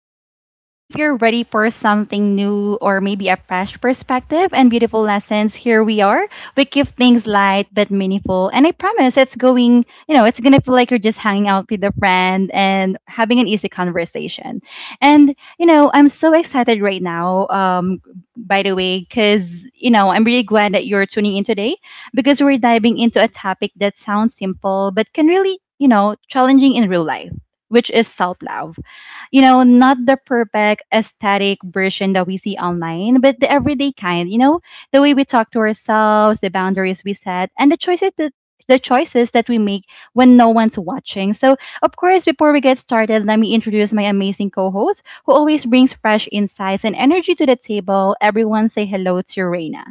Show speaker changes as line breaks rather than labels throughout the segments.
So if you're ready for something new or maybe a fresh perspective and beautiful lessons, here we are. We keep things light but meaningful. And I promise it's going to feel like you're just hanging out with a friend and having an easy conversation. And I'm so excited right now, by the way, because I'm really glad that you're tuning in today because we're diving into a topic that sounds simple but can really challenging in real life, which is self-love. You know, not the perfect aesthetic version that we see online, but the everyday kind, you know, the way we talk to ourselves, the boundaries we set, and the choices that we make when no one's watching. So, of course, before we get started, let me introduce my amazing co host who always brings fresh insights and energy to the table. Everyone say hello to Reina.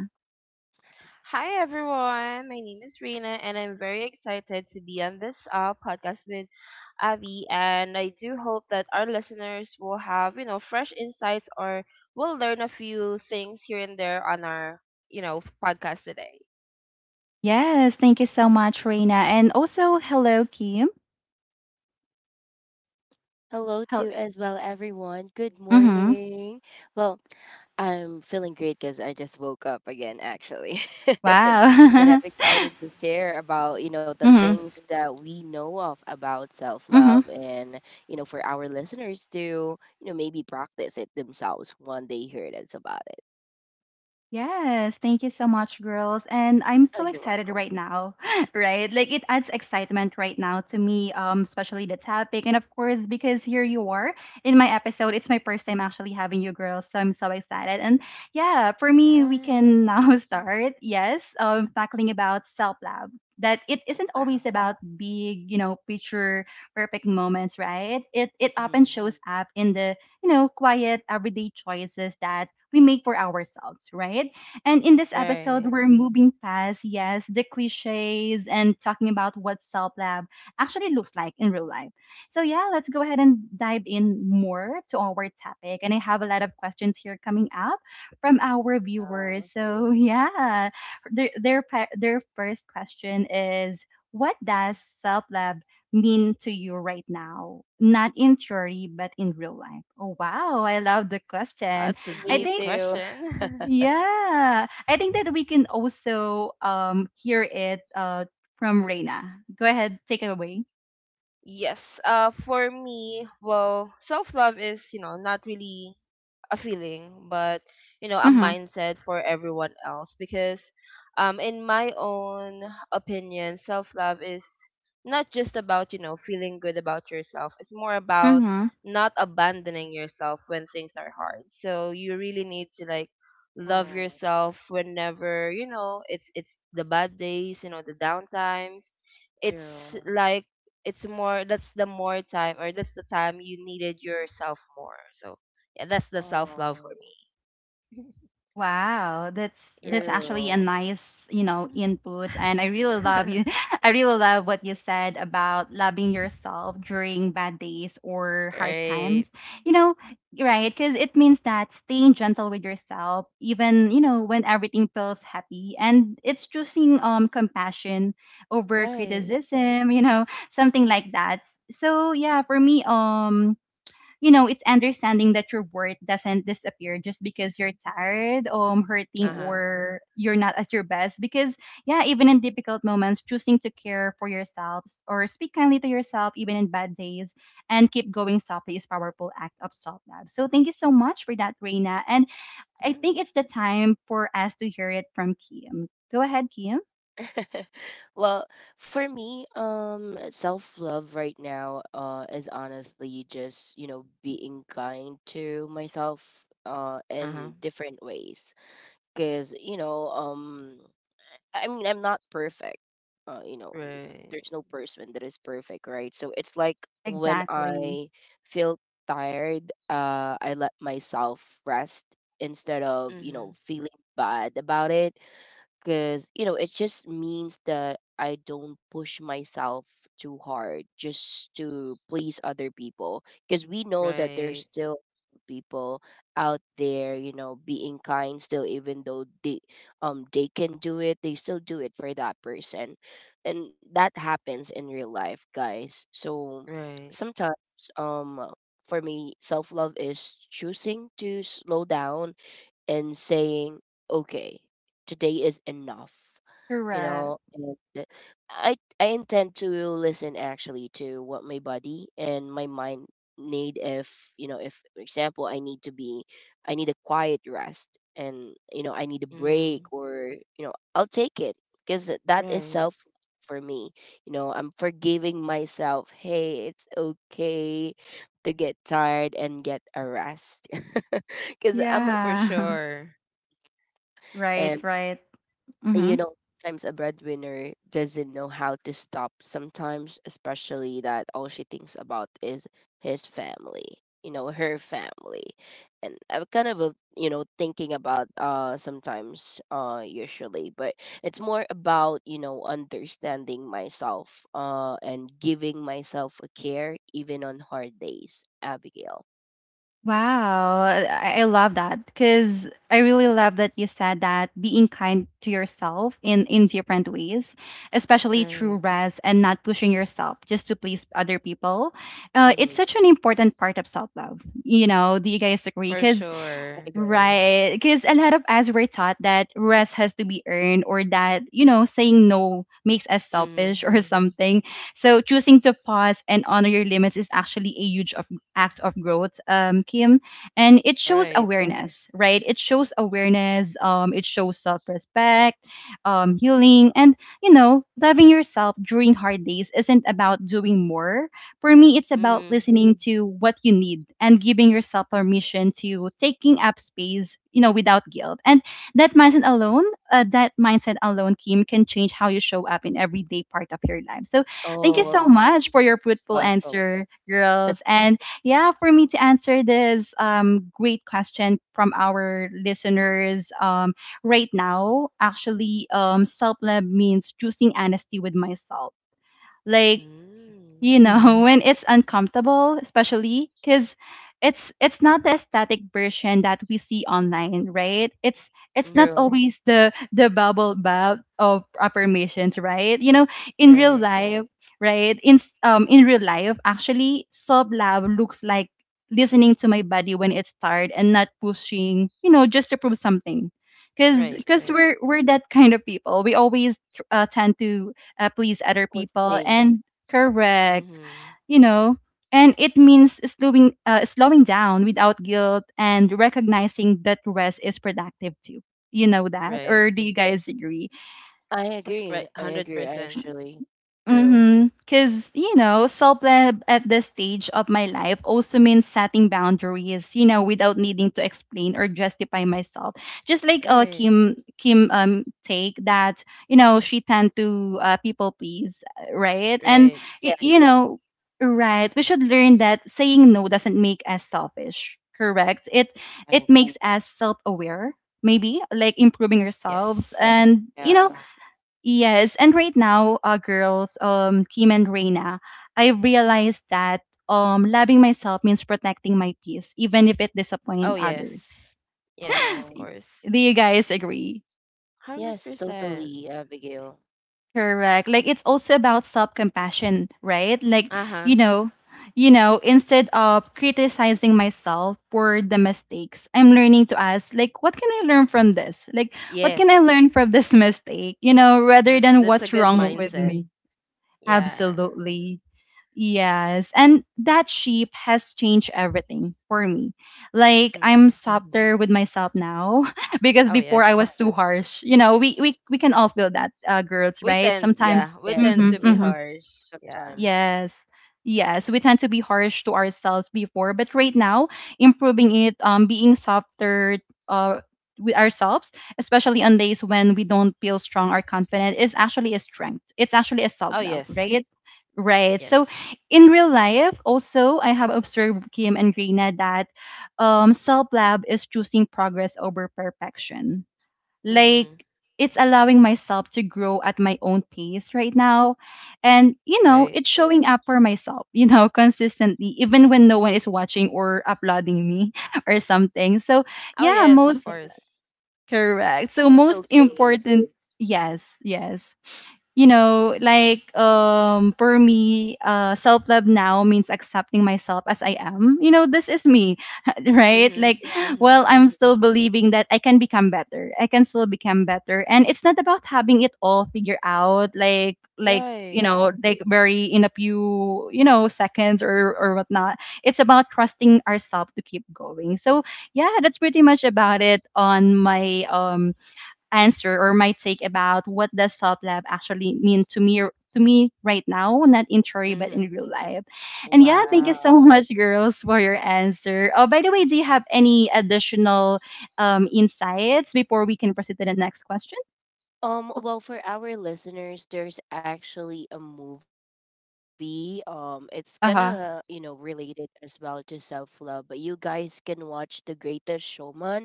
Hi everyone, my name is Rena and I'm very excited to be on this podcast with Avi. And I do hope that our listeners will have, fresh insights or will learn a few things here and there on our podcast today.
Yes, thank you so much, Reina. And also, hello, Kim.
Hello
Hel-
to as well, everyone. Good
mm-hmm.
morning. Well, I'm feeling great because I just woke up again, actually. And I'm
Wow.
excited to share about, the
Mm-hmm.
things that we know of about self
Mm-hmm.
love and for our listeners to, maybe practice it themselves when they hear that's about it.
Yes, thank you so much, girls. And I'm
Oh,
so
you're
excited
welcome.
right now, right? Like it adds excitement right now to me, especially the topic. And of course, because here you are in my episode, it's my first time actually having you girls. So I'm so excited. And yeah, for me, we can
Yes.
now start, yes, tackling about self-love. That it
Oh,
isn't
wow.
always about big, you know, picture perfect moments, right? It often
Hmm.
shows up in the you know, quiet everyday choices that we make for ourselves, right? And in this episode,
Right.
we're moving past, yes, the cliches and talking about what self love actually looks like in real life. So, yeah, let's go ahead and dive in more to our topic. And I have a lot of questions here coming up from our viewers.
Wow.
So, yeah, their first question is: what does self love mean to you right now? Not in theory, but in real life. Oh, wow. I love the question.
That's a
I
Me
deep
think,
too.
question.
yeah, I think that we can also hear it from Reina. Go ahead, take it away.
Yes, for me, well, self love is not really a feeling, but a mindset for everyone else. Because, in my own opinion, self love is not just about feeling good about yourself. It's more about
Mm-hmm.
not abandoning yourself when things are hard. So you really need to like love
Oh,
yourself whenever it's the bad days, the downtimes. It's
true.
like it's more, that's the more time or that's the time you needed yourself more. So yeah, that's the self love for
Oh,
me.
Wow, that's
yep.
that's actually a
true.
nice, you know, input and I really love you. I really love what you said about loving yourself during bad days or hard
right.
times. You know, right? Cuz it means that staying gentle with yourself even, you know, when everything feels happy and it's choosing compassion over
Right.
criticism, you know, something like that. So, yeah, for me, you know, it's understanding that your worth doesn't disappear just because you're tired, hurting,
Uh huh.
Yeah.
or you're not at your best. Because yeah, even in difficult moments, choosing to care for yourselves or speak kindly to yourself, even in bad days, and keep going softly is powerful act of self love. So thank you so much for that, Reina. And
Yeah.
I think it's the time for us to hear it from Kim. Go ahead, Kim.
Well, for me, self love right now, is honestly just being kind to myself,
Uh huh.
in different ways. Cause I mean, I'm not perfect. Uh, you know, n-
Right.
there's no person that is perfect, right? So it's like when
Exactly.
I feel tired, I let myself rest instead of
Mhm.
feeling bad about it, because it just means that I don't push myself too hard just to please other people, because we know that there's
Right.
still people out there being kind still, even though they, they can do it, they still do it for that person. And that happens in real life, guys. So
Mm-hmm. Right.
sometimes, um for me, self love is choosing to slow down and saying, okay, today is enough,
Correct.
and I intend to listen actually to what my body and my mind need. If if, for example, I need a quiet rest, and I need a break,
Mhm.
or I'll take it, because that is
Right.
self for me. I'm forgiving myself. Hey, it's okay to get tired and get a rest. Because I'm
For
Yeah.
sure.
Right.
a
Right. Mm-hmm.
you know sometimes a breadwinner doesn't know how to stop sometimes, especially that all she thinks about is his family, you know, her family. And I'm kind of a, you know thinking about, sometimes, usually, but it's more about understanding myself, and giving myself a care even on hard days, Abigail.
Wow, I love that because I really love that you said that being kind to yourself in different ways, especially through
Right.
rest and not pushing yourself just to please other people. It's
Mm-hmm.
such an important part of self love. You know, do you guys agree?
For
Because
I
sure.
agree
right. Because a lot of us were taught that rest has to be earned or that, you know, saying no makes us selfish
Mhm.
or something. So choosing to pause and honor your limits is actually a huge act of growth, Kim. And it
with that.
shows
Right.
awareness, right? It shows awareness. It shows self respect, healing. And, you know, loving yourself during hard days isn't about doing more for me, it's about
Mhm.
listening to what you need and giving yourself permission to taking up space, you know, without guilt. And that mindset alone, that mindset alone, Kim, can change how you show up in everyday part of your life. So thank you
Oh,
so
of
Mhm.
much for your fruitful
welcome.
answer, girls. And yeah, for me to answer this great question from our listeners right now, actually, self love means choosing honesty with myself. Like
Mhm.
you know when it's uncomfortable especially because it's not the aesthetic version that we see online, right? It's not
Mhm.
True.
always the bubble bath of affirmations, right? You know, in real
Right.
life, in real life, actually, self love looks like listening to my body when it's tired and not pushing, you know, just to prove something, because
Right. Right.
we're that kind of people. We always tend to please other
Push
people. And
things.
correct.
Mhm.
You know, and it means slowing down without guilt and recognizing that rest is productive too. You know that,
Right.
or do you guys agree?
I
Right.
agree. I
Hundred
agree, I
percent.
actually. True.
Mm-hmm. Because, you know, self love at this stage of my life also means setting boundaries, you know, without needing to explain or justify myself. Just like uh,
Right.
Kim Kim um take that, you know, she tend to people please, right? And
Right.
you
Yes,
know, right, we should learn that saying no doesn't make us selfish, correct? It
I
it
agree.
makes us self-aware, maybe, like improving ourselves
Yes.
and, you
Yes.
know,
Yeah.
yes, and right now, girls, Kim and Reina, I realized that loving myself means protecting my peace, even if it
Oh
disappoints
yes.
others.
Yes, of
Oh,
Y-
course.
Do you guys agree?
yes,
100%.
totally, Abigail.
Correct. Like it's also about self-compassion, right? Like
Uh-huh.
you know, you know, instead of criticizing myself for the mistakes, I'm learning to ask, like, what can I learn from this? Like, what
Yes.
can I learn from this mistake? You know, rather
That,
than
that's a
what's
good
wrong with
mindset.
me.
Yeah.
Absolutely. Yes, and that shape has changed everything for me. Like I'm mhm,
Mm-hmm.
softer with myself now because
Oh
before
yes.
I was too harsh. You know, we can all feel that, girls,
We
right?
tend, yeah,
Sometimes.
we tend
Yes,
to be
Mm-hmm,
yes.
harsh. Yeah.
Sometimes.
yes. Yes, we tend to be harsh to ourselves before, but right now, improving it, being softer, uh, with ourselves, especially on days when we don't feel strong or confident, is actually a strength. It's actually a self
Oh
love,
yes.
right? Right.
Yes.
So, in real life, also, I have observed Kim and Grina that, self love is choosing progress over perfection, like
Mm.
Mm-hmm.
it's allowing myself to grow at my own pace right now, and you know
Right.
it's showing up for myself, you know, consistently even when no one is watching or applauding me or something. So
Oh
yeah,
yes, of
most
course.
I
correct, so
think it's
most
okay.
important, yes, yes, you know, like um, for me, uh, self-love now means accepting myself as I am. You know, this is me, right?
Mm-hmm.
Like
Mm-hmm.
well, I'm still believing that I can become better. I can still become better. And it's not about having it all figured out like you
Right.
know, like very in a few, you know, seconds or whatnot. It's about trusting ourselves to keep going. So yeah, that's pretty much about it on my um, answer or my take about what does self love actually mean to me right now, not in theory but
Mm-hmm.
in real life. And yeah, thank you
Right.
so
Wow.
much, girls, for your answer. Oh, by the way, do you have any additional insights before we can proceed to the next question?
Well, for our listeners, there's actually a movie. It's gonna,
Uh huh.
related as well to self-love, but you guys can watch The Greatest Showman,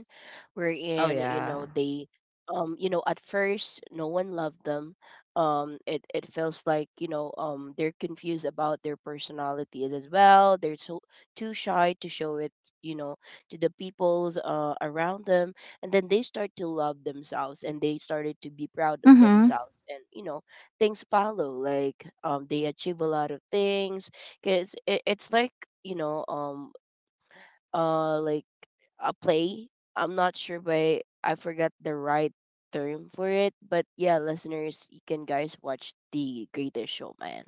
wherein,
Oh yeah.
at first no one loved them. It feels like, they're confused about their personalities as well. They're so too shy to show it, you know, to the peoples around them. And then they start to love themselves, and they started to be proud of
Mm-hmm.
themselves, and things follow, like they achieve a lot of things, because it's like, you know um like a play. I'm not sure, but I forgot the right term for it. But yeah, listeners, you can guys watch The Greatest Showman.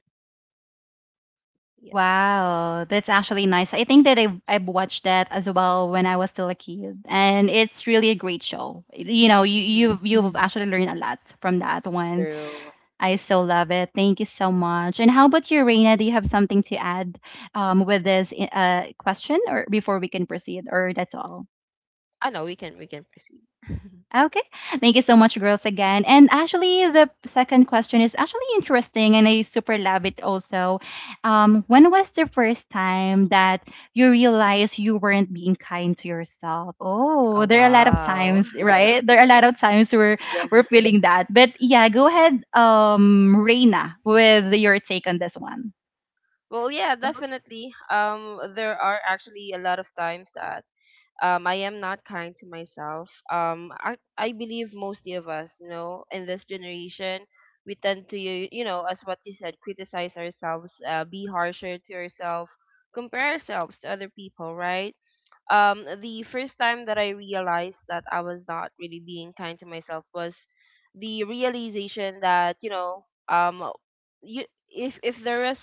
Yes.
Wow, that's actually nice. I think that I've watched that as well when I was still a kid, and it's really a great show. You know,
Mm-hmm.
you've actually learned a lot from that one.
True.
I so love it. Thank you so much. And how about you, Reina? Do you have something to add with this question, or before we can proceed, or that's all?
I know we can proceed.
Okay. Thank you so much, girls, again. And actually, the second question is actually interesting, and I super love it also. When was the first time that you realized you weren't being kind to yourself?
oh
Oh, there are a lot of
wow.
times, right? There are a lot of times we're feeling
Yes.
that. But yeah, go ahead, Reina, with your take on this one.
Well, yeah, definitely. There are actually a lot of times that I, am not kind to myself. I believe mostly of us, you know, in this generation, we tend to, as what you said, criticize ourselves, be harsher to ourselves, compare ourselves to other people, right? The first time that I realized that I was not really being kind to myself was the realization that you know you if there is,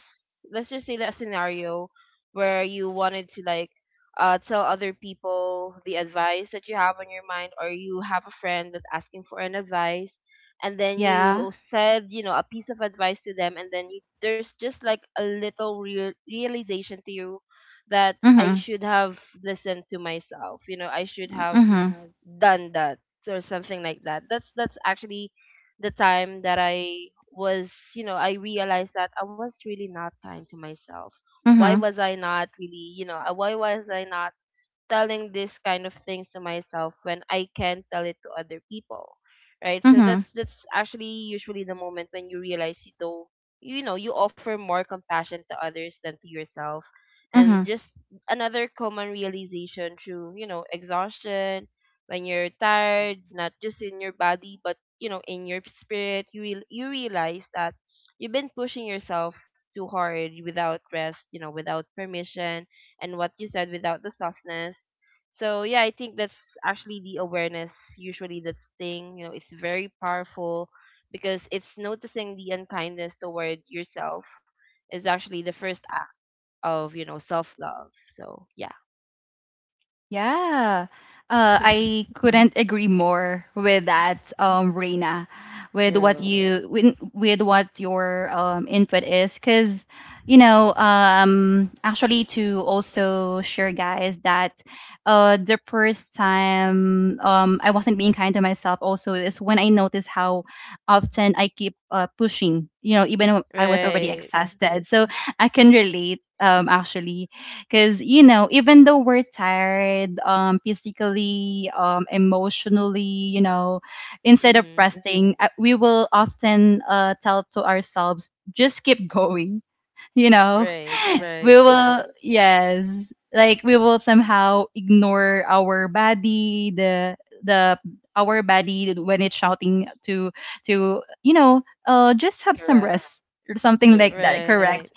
let's just say, that scenario where you wanted to like tell other people the advice that you have on your mind, or you have a friend that's asking for an advice, and then
Yeah.
you said a piece of advice to them. There's just like a little realization to you that I
Mm-hmm.
should have listened to myself. You know, I should have
Mm-hmm.
done that or something like that. That's actually the time that I realized that I was really not kind to myself. Why
Mm-hmm.
was I not why was I not telling this kind of things to myself when I can tell it to other people, right? So
Mm-hmm.
that's actually usually the moment when you realize you don't, you know, you offer more compassion to others than to yourself, and
Mm-hmm.
just another common realization through exhaustion. When you're
Hmm.
tired, not just in your body but in your spirit, you realize that you've been pushing yourself too hard without rest, without permission, and what you said, without the softness. So yeah, I think that's actually the awareness usually, that's thing, it's very powerful because it's noticing the unkindness toward yourself is actually the first act of, you know, self-love. So yeah.
Yeah. I couldn't agree more with that, Reina, with what
True.
you with what your input is, because you know, actually to also share, guys, that the first time I wasn't being kind to myself also is when I noticed how often I keep pushing, you know, even when I was already
Right.
exhausted. So I can relate, actually. Because, you know, even though we're tired, physically, emotionally, you know, instead of
Mhm.
resting, we will often tell to ourselves, just keep going, you know?
Right,
We
right.
will, yes, like we will somehow ignore our body, the, our body when it's shouting to you know just
Take
have
a
some
rest.
rest or something
True.
like that,
Right.
correct,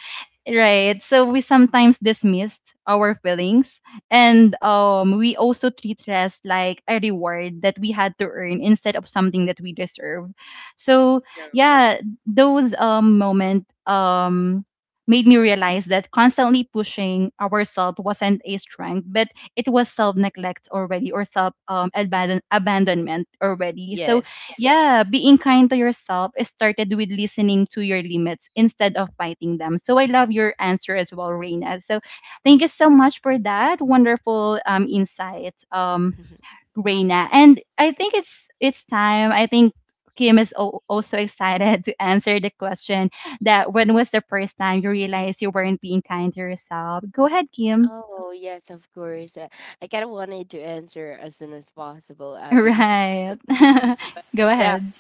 right? So we sometimes dismissed our feelings and we also treat rest like a reward that we had to earn instead of something that we deserve. So
True.
yeah, those moment made me realize that constantly pushing ourselves wasn't a strength, but it was self neglect already or self abandonment already. So
Yes.
yeah, being kind to yourself is started with listening to your limits instead of fighting them. So I love your answer as well, Reina. So thank you so much for that wonderful insight, Reina. And I think it's time. I think Kim is also excited to answer the question, that when was the first time you realized you weren't being kind to yourself? Go ahead, Kim.
Oh, yes, of course. I kind of wanted to answer as soon as possible, Abigail.
Right.
But
Go
yeah,
ahead.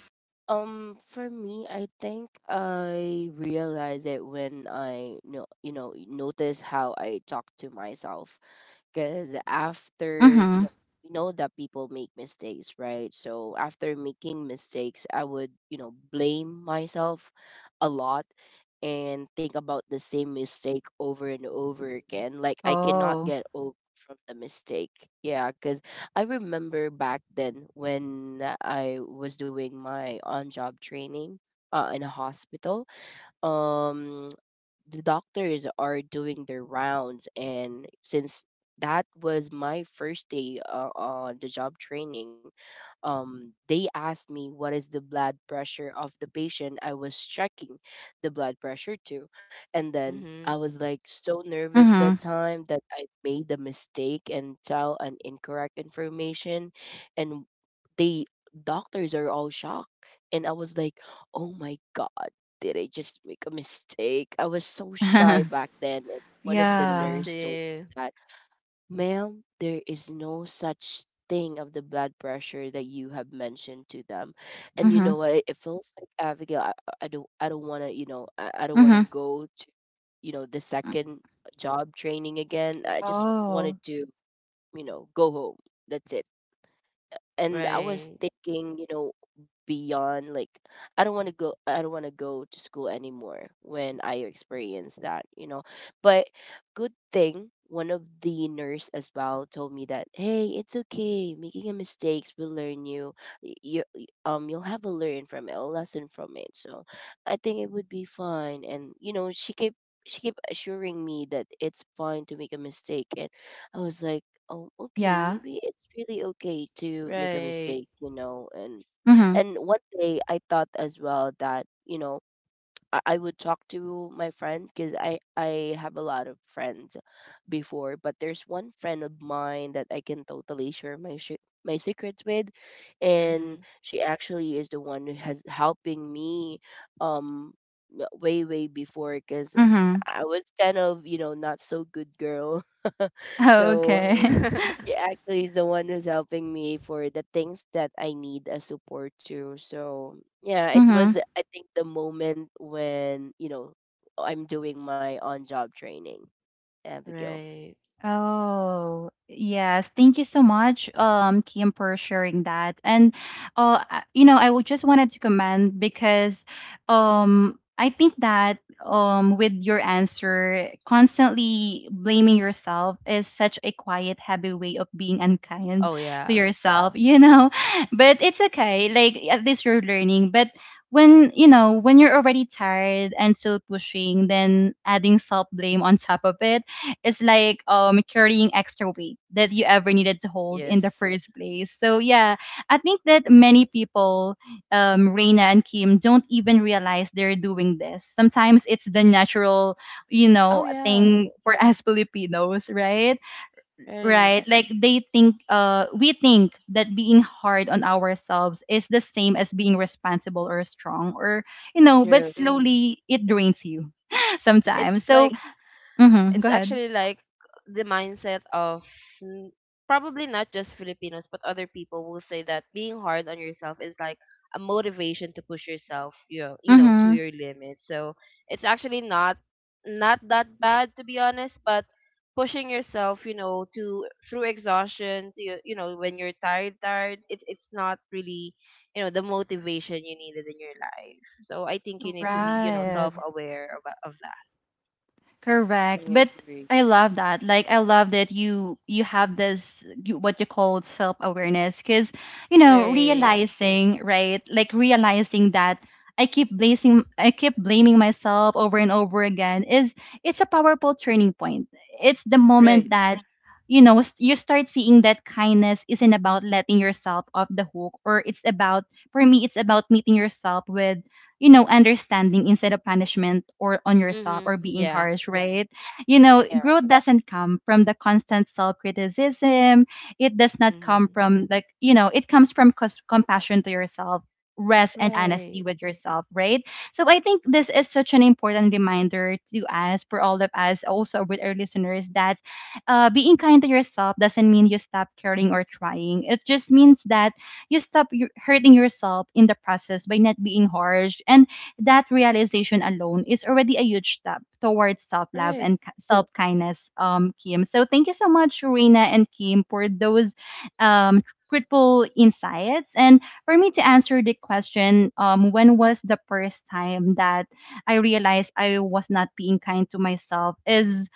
for me, I think I realized it when I know, you know, notice how I talk to myself. Because after you
Mm-hmm.
know we know that people make mistakes, right? So after making mistakes, I would blame myself a lot, and think about the same mistake over and over again, like I cannot
Oh.
get over from the mistake. Yeah, because I remember back then when I was doing my on job training, in a hospital, um the doctors are doing their rounds, and since that was my first day on the job training, they asked me what is the blood pressure of the patient. I was checking the blood pressure too, and then I
mhm.
was like so nervous that time that I made a mistake and tell an incorrect information. And they doctors are all shocked, and I was like, oh my god, did I just make a mistake? I was so shy
Mm-hmm.
back then. And one of the
I
Yeah.
nurse told me
see.
that, ma'am, there is no such thing of the blood pressure that you have mentioned to them. And you know
Mhm.
what? It feels like, Abigail, I, I don't. I don't want to, you know. I don't want to
Mhm.
go to, you know, the
Mm.
second job training again.
Yeah.
I just
Oh,
wanted to, you know, go home. That's it. And I was
Right.
thinking, beyond, like, I don't want to go to school anymore when I experienced that, But good thing one of the nurse as well told me that, hey, it's okay. Making a mistakes will learn you. You'll have a learn from it, a lesson from it. So I think it would be fine, and she kept assuring me that it's fine to make a mistake. And I was like, oh, okay,
yeah.
maybe it's really okay to make a
Right.
mistake, And
Mhm.
and one day I thought as well that I would talk to my friend, because I have a lot of friends before, but there's one friend of mine that I can totally share my secrets with. And
Mhm.
she actually is the one who has helping me, um, way way before, because
Mhm.
I was kind of, not so good girl.
So
So
okay.
she actually is the one who's helping me for the things that I need a support to. So yeah, it was,
Mhm.
I think, the moment when I'm doing my on job training, Abigail.
right.
Oh, yes. Thank you so much, Kim, for sharing that. And you know, I would just wanted to comment, because I think that with your answer, constantly blaming yourself is such a quiet, heavy way of being unkind
Oh
to
yeah.
yourself, you know. But it's okay. Like at least you're learning. But when you know when you're already tired and still pushing, then adding self blame on top of it, it's like carrying extra weight that you ever needed to hold in
Yes.
the first place. So yeah, I think that many people, Reina and Kim, don't even realize they're doing this. Sometimes it's the natural, you
Oh
know,
yeah.
thing for us Filipinos, right?
Right.
Right. Like they think we think that being hard on ourselves is the same as being responsible or strong, or you know, but
True,
Mm-hmm.
slowly it drains you
true.
It's
sometimes.
like
So mhm,
it's
go ahead.
actually like the mindset of n- probably not just Filipinos, but other people will say that being hard on yourself is like a motivation to push yourself, to
Mm-hmm.
your limits. So it's actually not, not that bad to be honest, but pushing yourself, you know, to through exhaustion, to, you know, when you're tired, it's not really, you know, the motivation you needed in your life. So I think you need to be, you know,
Right.
self aware about of that.
I
Correct. But
agree.
I love that. Like I love that you have this you, what you call self-awareness, cuz you know,
Right.
realizing, right? Like realizing that I keep blaming myself over and over again, is, it's a powerful turning point. It's the moment
Right.
that you know you start seeing that kindness isn't about letting yourself off the hook, or it's about, for me it's about meeting yourself with, you know, understanding instead of punishment or on yourself or
Mhm.
being
Yeah.
harsh, right? You know,
Yeah,
growth doesn't come from the constant self criticism. It does not come
Mhm.
from, like, you know, it comes from compassion to yourself, rest, and honesty
Right.
with yourself, right? So I think this is such an important reminder to us, for all of us, also with our listeners, that being kind to yourself doesn't mean you stop caring or trying. It just means that you stop your, hurting yourself in the process by not being harsh. And that realization alone is already a huge step towards self love
Right.
and self kindness, Kim. So thank you so much, Reina and Kim, for those critical insights. And for me to answer the question, when was the first time that I realized I was not being kind to myself? Is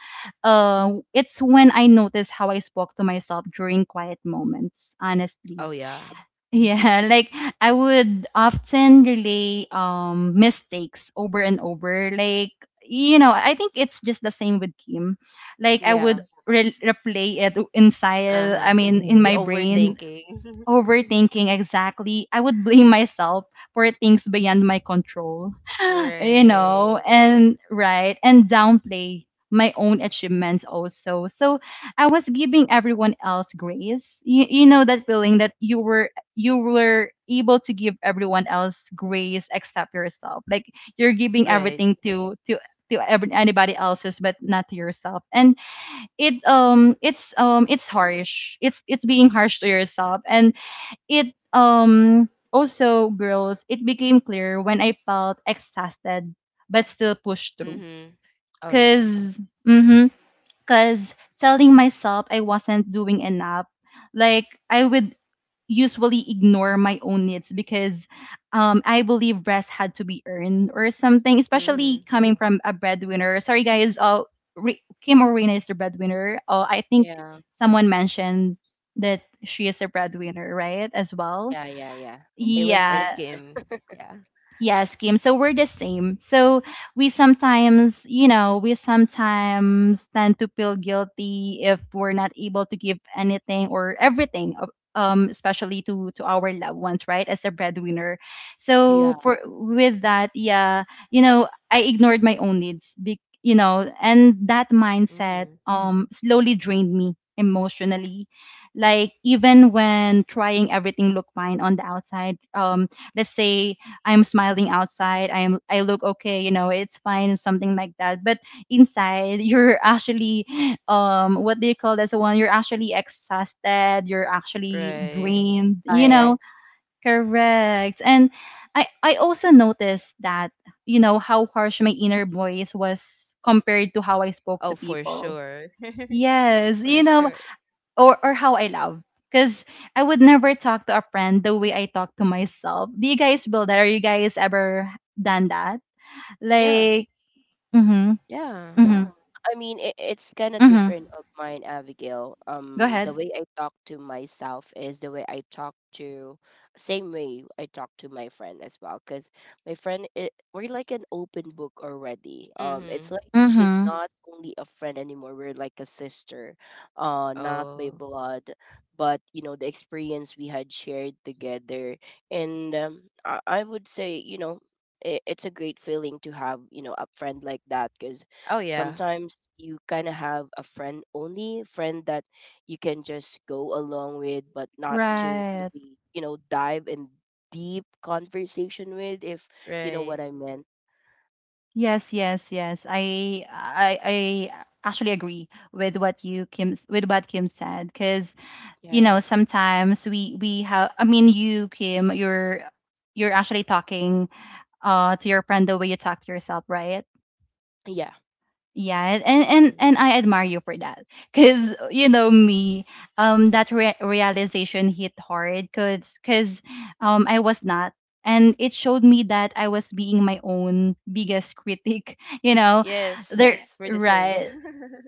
it's when I noticed how I spoke to myself during quiet moments, honestly.
Oh yeah.
Yeah, like I would often relay mistakes over and over. Like you know, I think it's just the same with Kim. Like I
yeah,
would replay it inside. I
Uh-huh.
mean, in
The
my brain.
overthinking.
Overthinking, exactly. I would blame myself for things beyond my control, you
Right.
know, and right, and downplay my own achievements also. So I was giving everyone else grace. You know that feeling that you were, you were able to give everyone else grace except yourself. Like you're giving
Right.
everything to every, anybody else's but not to yourself. And it's harsh, it's being harsh to yourself. And it also, girls, it became clear when I felt exhausted but still pushed through.
Mhm. Oh yeah.
Because mm-hmm, cause telling myself I wasn't doing enough, like I would usually ignore my own needs because I believe rest had to be earned or something, especially
Mhm.
coming from a breadwinner. Sorry guys, Kim or Reyna is the breadwinner. I think
yeah,
someone mentioned that she is a breadwinner, right? As well.
yeah, yeah, yeah. It was
A
me.
Yeah.
scam. Yeah.
Yes, Kim. So we're the same. So we sometimes, you know, we sometimes tend to feel guilty if we're not able to give anything or everything, especially to our loved ones, right? As a breadwinner.
Yeah.
So for with that, yeah, you know, I ignored my own needs, be, you know, and that mindset
Mhm.
slowly drained me emotionally. Like even when trying, everything looked fine on the outside. Let's say I'm smiling outside. I am, I look okay, you know, it's fine, something like that. But inside, you're actually what do you call this one? You're actually exhausted, you're actually
Right.
drained, you
Tired.
know. Correct. And I also noticed that, you know, how harsh my inner voice was compared to how I spoke
Oh,
to
for
people.
sure.
Yes,
For
you know,
sure.
or how I love. Because I would never talk to a friend the way I talk to myself. Do you guys build that? Are you guys ever done that?
Yeah.
Like, mm-hmm,
Yeah.
mm-hmm,
I mean, it's kind of
mm-hmm.
different of mine, Abigail.
Go
The
ahead.
way I talk to, myself is the way I talk to, same way I talk to my friend as well. Cause my friend, we're like an open book already. It's
Mhm.
like she's
Mm-hmm.
not only a friend anymore. We're like a sister, not by
Oh.
blood, but you know the experience we had shared together. And I would say, it's a great feeling to have a friend like that. Cause
Oh yeah.
sometimes you kind of have a friend only friend that you can just go along with, but not to
Right.
really dive in deep conversation with, if you know
Right.
what I meant.
Yes, yes, yes. I actually agree with what you Kim with what Kim said. Because you know
Yeah.
sometimes we have. I mean, you Kim, you're actually talking to your friend the way you talk to yourself, right?
Yeah.
Yeah, and
Mm.
I admire you for that, cause you know me, that realization hit hard, cause, I was not, and it showed me that I was being my own biggest critic. You know, there,
Yes, we're the same.
right?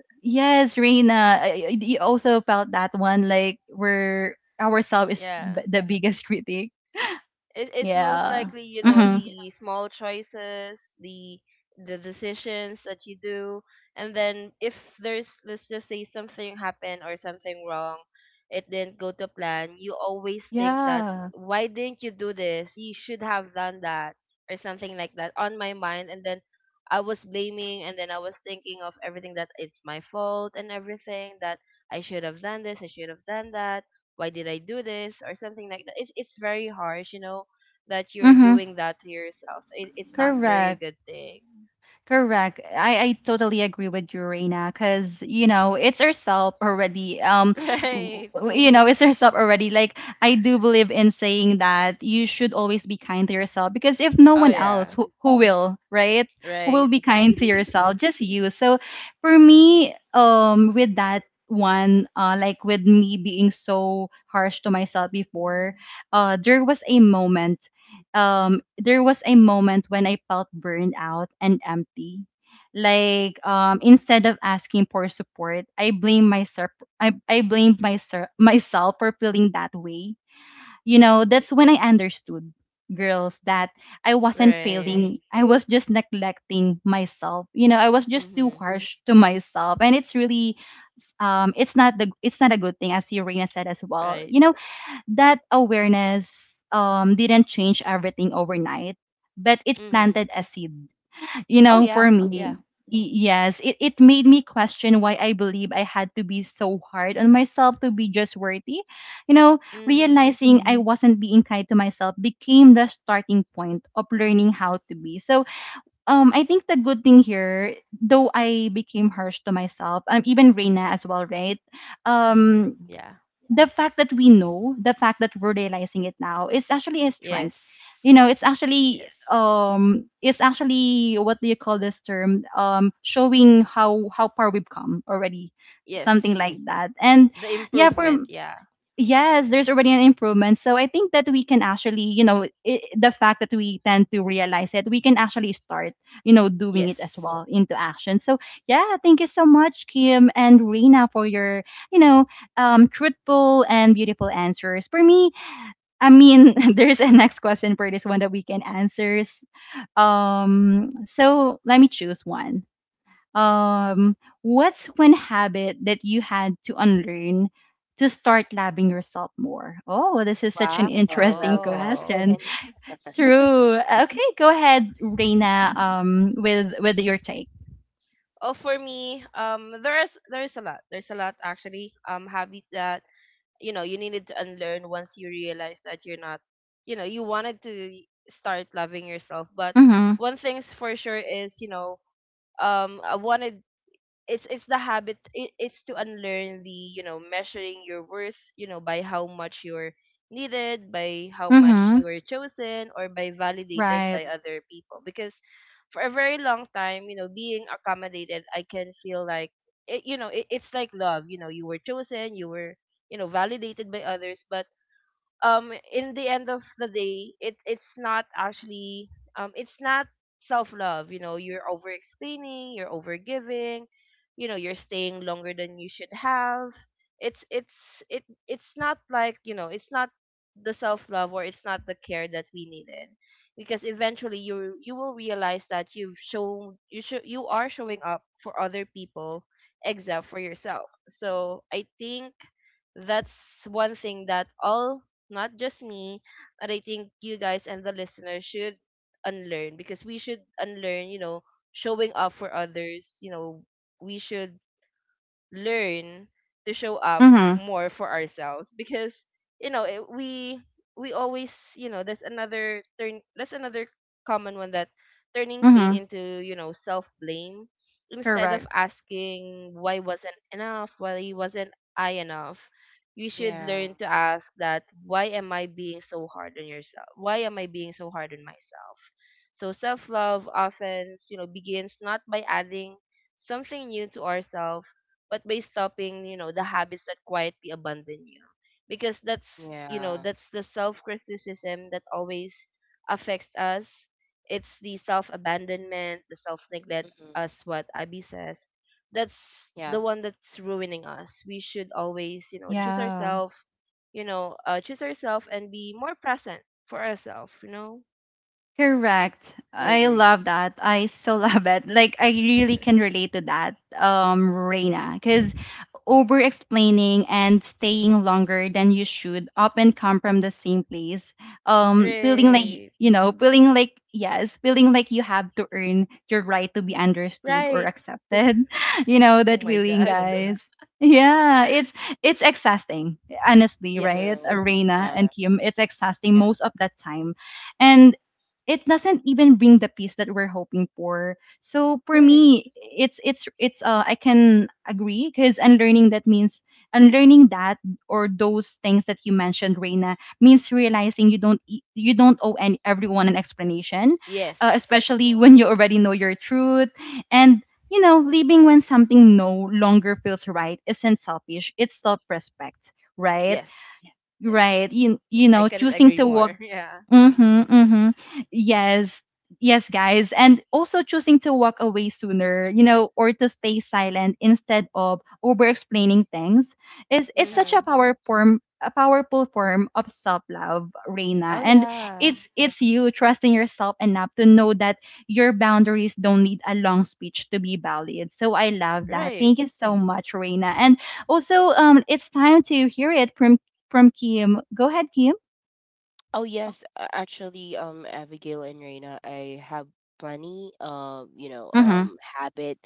Yes, Reina, you also felt that one, like where ourselves is the
yeah.
the biggest critic.
It's most
Yeah.
likely
Mm-hmm.
the small choices, the decisions that you do, and then if there's, let's just say, something happened or something wrong, it didn't go to plan, you always think that
Yeah.
why didn't you do this, you should have done that, or something like that on my mind. And then I was blaming and then I was thinking of everything that it's my fault, and everything that I should have done this, I should have done that, why did I do this or something like that. It's very harsh, that you're
Mm-hmm.
doing that to yourself. So, it, it's not very a
Correct.
good thing.
Correct. I totally agree with you, Reina, because you know it's herself already.
Right.
You know it's herself already. Like I do believe in saying that you should always be kind to yourself, because if no
Oh
one else,
yeah.
who will, right? Who will
Right.
be kind to yourself? Just you. So for me, with that one, like with me being so harsh to myself before, there was a moment, there was a moment when I felt burned out and empty. Like instead of asking for support, I blamed myself for feeling that way. You
mm-hmm.
know, that's when I understood, girls, that I wasn't
right.
failing. I was just neglecting myself. You know, I was just too
Mhm.
harsh to myself. And it's really it's not a good thing, as Serena said as well.
Right.
You know, that awareness didn't change everything overnight, but it
Mhm.
planted a seed. You
Oh
know, for
yeah.
me, okay,
Yeah.
y- yes, it made me question why I believe I had to be so hard on myself to be just worthy. You know,
Mhm.
realizing I wasn't being kind to myself became the starting point of learning how to be. So, I think the good thing here, though I became harsh to myself, even Reina as well, right?
Mhm.
Um,
Yeah.
the fact that we know, the fact that we're realizing it now is actually a
Yes.
strength. You know,
Yes.
it's actually what do you call this term? Showing how far we've come already.
Yes.
Something like that. And
The
yeah, for
improvement, yeah.
Yes, there's already an improvement. So I think that we can actually, you know, I the fact that we tend to realize it, we can actually start, you know, doing it as
Yes.
well into action. So yeah, thank you so much, Kim and Reina, for your, you know, truthful and beautiful answers. For me, I mean, there's a next question for this one that we can answer. So let me choose one. What's one habit that you had to unlearn to start loving yourself more? Oh, this is such an
Wow, I
interesting
love that
Oh.
question.
question. True. Okay, go ahead, Reina. With your take.
Oh, for me, there is, there is a lot. There's a lot actually. Habit that you needed to unlearn once you realized that you're not you know you wanted to start loving yourself. But
Mm-hmm.
one thing's for sure is, you know I wanted it's the habit, it's to unlearn the, you know, measuring your worth, you know, by how much you're needed, by how much
Mm-hmm.
you're chosen, or by validated
Right.
by other people. Because for a very long time being accommodated, I can feel like it's like love you were chosen, you were validated by others, but in the end of the day, it's not actually, it's not self love. You're over explaining, you're over giving, you're staying longer than you should have. It's not like it's not the self love, or it's not the care that we needed, because eventually you will realize that you are showing up for other people except for yourself. So I think that's one thing that all, not just me, but I think you guys and the listeners should unlearn, because we should unlearn, showing up for others. We should learn to show up
Mm-hmm.
more for ourselves, because you know it, we always you know there's another turn, that's another common one, that turning pain
Mm-hmm.
into self blame instead of
Correct.
asking why wasn't I enough. You should
Yeah.
learn to ask that, why am I being so hard on myself. So self love often begins not by adding something new to ourselves, but by stopping, you know, the habits that quietly abandon you. Because that's, you know,
Yeah.
that's the self criticism that always affects us. It's the self abandonment, the self neglect,
mm-hmm.
as what Abby says. That's
Yeah.
the one that's ruining us. We should always, you know, choose
Yeah.
ourselves, you know, choose ourselves and be more present for ourselves, you know?
Correct.
I
I
agree.
love that. I so love it. Like I really can relate to that, Reina, because over explaining and staying longer than you should often come from the same place. Feeling like
Right.
you know, feeling like yes, feeling like you have to earn your right to be understood or
Right.
accepted. You know
Oh
that
my
feeling,
God.
guys. Yeah, it's exhausting, honestly,
yes.
right?
True.
Reina
Yeah.
and Kim, it's exhausting
Yeah.
most of the time. And it doesn't even bring the peace that we're hoping for. So for
Right.
me, it's I can agree, because unlearning that, or those things that you mentioned, Reina, means realizing you don't you don't owe any everyone an explanation,
Yes.
especially
True.
when you already know your truth and. You know, leaving when something no longer feels right isn't selfish. It's self-respect, right?
Yes. Yes,
Right.
yes. I couldn't
Choosing
agree
to
more.
walk.
Yeah.
Mm-hmm, mm-hmm. Yes, yes, guys. And also choosing to walk away sooner, or to stay silent instead of over explaining things is it's
Yeah.
such
Mhm.
a powerful form of self-love, Reina.
Oh
And
yeah.
it's you trusting yourself enough to know that your boundaries don't need a long speech to be valid. So I love that.
Right.
Thank you so much, Reina. And also it's time to hear it from Kim. Go ahead, Kim.
Oh yes, actually, Abigail and Reina, I have plenty of
Mm-hmm.
habit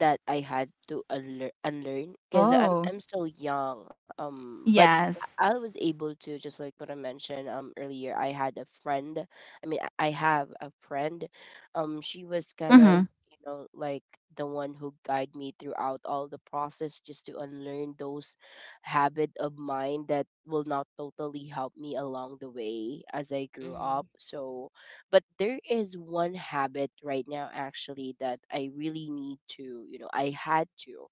that I had to unlearn because I'm
Oh.
I'm still young. But
Yes.
I was able to, just like what I mentioned earlier. I had a friend. I mean, I have a friend. She was kind of
Mhm.
like the one who guide me throughout all the process, just to unlearn those habit of mine that will not totally help me along the way as I grew up.
Mhm.
So, but there is one habit right now actually that I really need to, I had to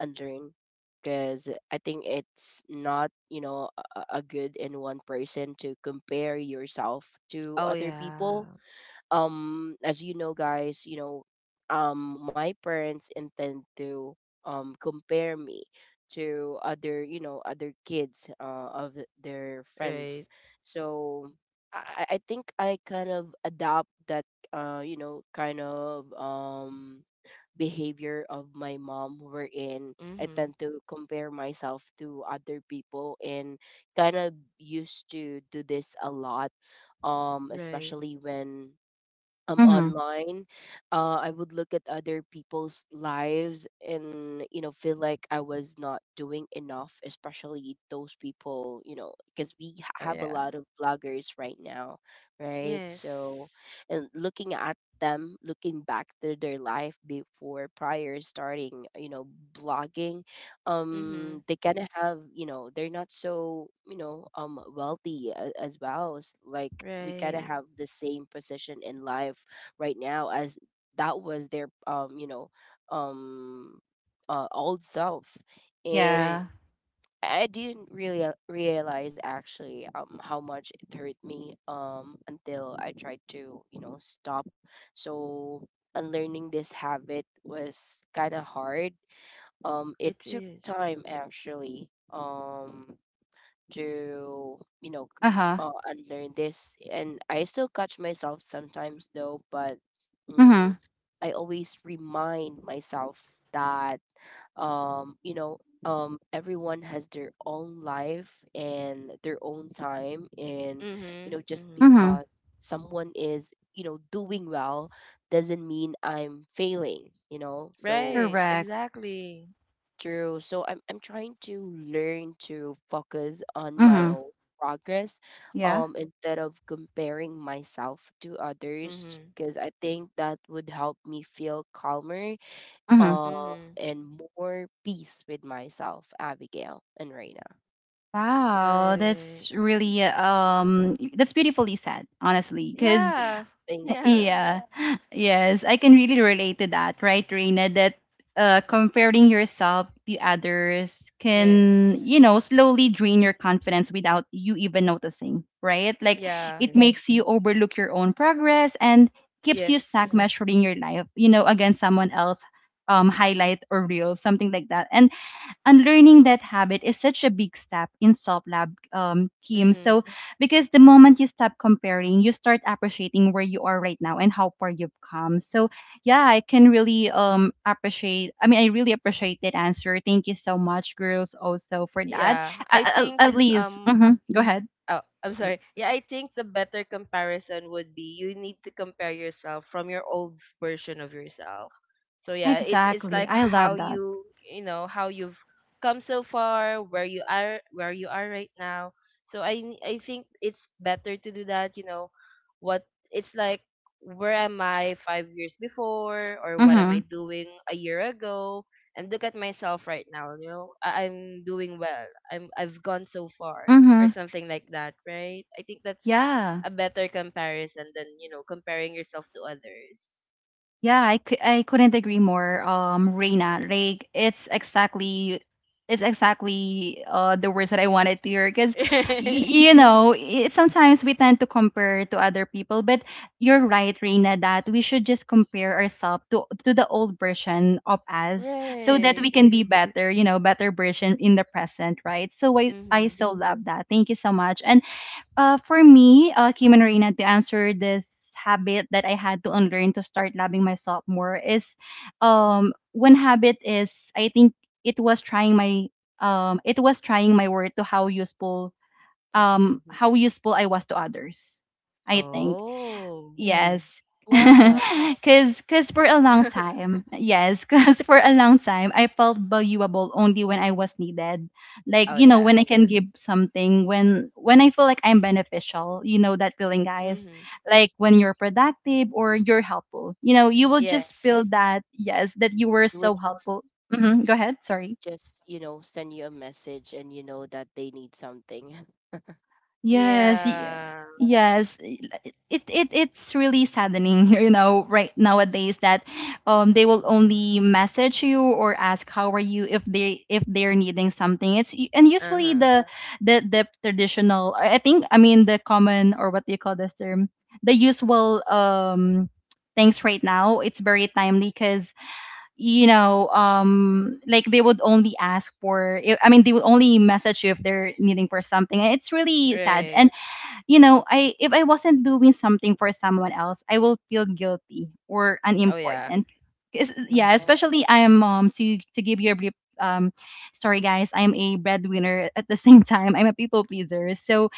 unlearn, because I think it's not, a good in one person to compare yourself to
Oh
other people.
yeah.
As guys, my parents intend to compare me to other, other kids, their friends.
Right.
So I think I kind of adopt that, kind of behavior of my mom, wherein I
Mhm.
tend to compare myself to other people, and kind of used to do this a lot,
Right.
especially when,
Mhm.
online, I would look at other people's lives and feel like I was not doing enough, especially those people, because we
Oh
have a
yeah.
lot of bloggers right now, right?
Yes.
So, and looking at them, looking back to their life before prior starting, blogging,
Mhm.
they kind of have, they're not so, wealthy, as well, as like we kind of
Right.
have the same position in life right now, as that was their um old self. And
Right.
Yeah.
I didn't really realize actually how much it hurt me, until I tried to stop. So unlearning this habit was kind of hard, it
It
took
is.
time actually, to you know c-
Uh-huh.
unlearn this. And I still catch myself sometimes though, but, mm,
Mhm.
I always remind myself that, um you know everyone has their own life and their own time. And
Mhm.
just
Mhm.
Mhm.
because someone is, doing well, doesn't mean I'm failing, so.
Right.
Correct.
Exactly.
True. So I'm trying to learn to focus on my
Mhm.
own progress,
Yeah.
instead of comparing myself to others,
Mhm.
because I think that would help me feel calmer,
Mhm.
Mhm.
and more peace with myself, Abigail and Reina.
Wow,
Right.
that's really that's beautifully said, honestly, cuz
Yeah.
Thank you.
Yeah.
yeah. Yes, I can really relate to that, right, Reina? That comparing yourself to others
Yes.
can, slowly drain your confidence without you even noticing, right? Like
Yeah.
it, yes,
True.
makes you overlook your own progress and keeps
Yes.
you stuck measuring your life, against someone else, highlight or real, something like that. And unlearning that habit is such a big step in Soft Lab, Kim. So,
Mhm.
because the moment you stop comparing, you start appreciating where you are right now and how far you've come. So, yeah, I can really appreciate. I mean, I really appreciate that answer. Thank you so much, girls, also for that.
Yeah,
At,
I
at,
think
at least,
um
go ahead.
Oh, I'm sorry. Yeah, I think the better comparison would be you need to compare yourself from your old version of yourself. So yeah, it's
Exactly.
like
I love
how
that.
you, you know, how you've come so far, where you are, where you are right now. So I think it's better to do that. You know, what it's like. Where am I 5 years before, or what am
Mm-hmm.
I doing a year ago? And look at myself right now. You know, I- I'm doing well. I'm, I've gone so far or
Mm-hmm.
something like that, right? I think that's
Yeah.
a better comparison than, you know, comparing yourself to others.
Yeah, I couldn't agree more. Reina, like it's exactly the words that I wanted to hear, because
Right.
sometimes we tend to compare to other people, but you're right, Reina, that we should just compare ourselves to the old version of us so that we
Right.
can be better, better version in the present, right? So I
Mhm.
so love that. Thank you so much. And for me, Kim and Reina, to answer this habit that I had to unlearn to start loving myself more is, one habit is, I think, it was trying my it was trying my word to
Mm-hmm.
how useful I was to others. I think
Oh.
yes.
Why?
Cause for a long time, yes, cause for a long time, I felt valuable only when I was needed. Like,
oh
you know,
yeah.
when I can give something, when I feel like I'm beneficial, you know that feeling, guys.
Mhm.
Like when you're productive or you're helpful, you will
Yeah,
Yes.
just feel that, yes, that you were
I would
so
just,
helpful. Go ahead. Sorry.
you know, send you a message and you know that they need something.
Yes,
Yeah.
yes. It's really saddening, right nowadays that they will only message you or ask how are you if they if they're needing something. And usually
Uh-huh.
the traditional I think, I mean the common, or what do you call this term? The usual things right now. It's very timely because like they would only ask for I mean, they would only message you if they're needing for something, and it's really sad.
Right.
And you know I if I wasn't doing something for someone else, I will feel guilty or
Oh yeah.
unimportant. 'Cause yeah,
Mhm.
Oh,
especially I am to give you a brief um story, guys, I'm a breadwinner at the same time, I'm a people pleaser. So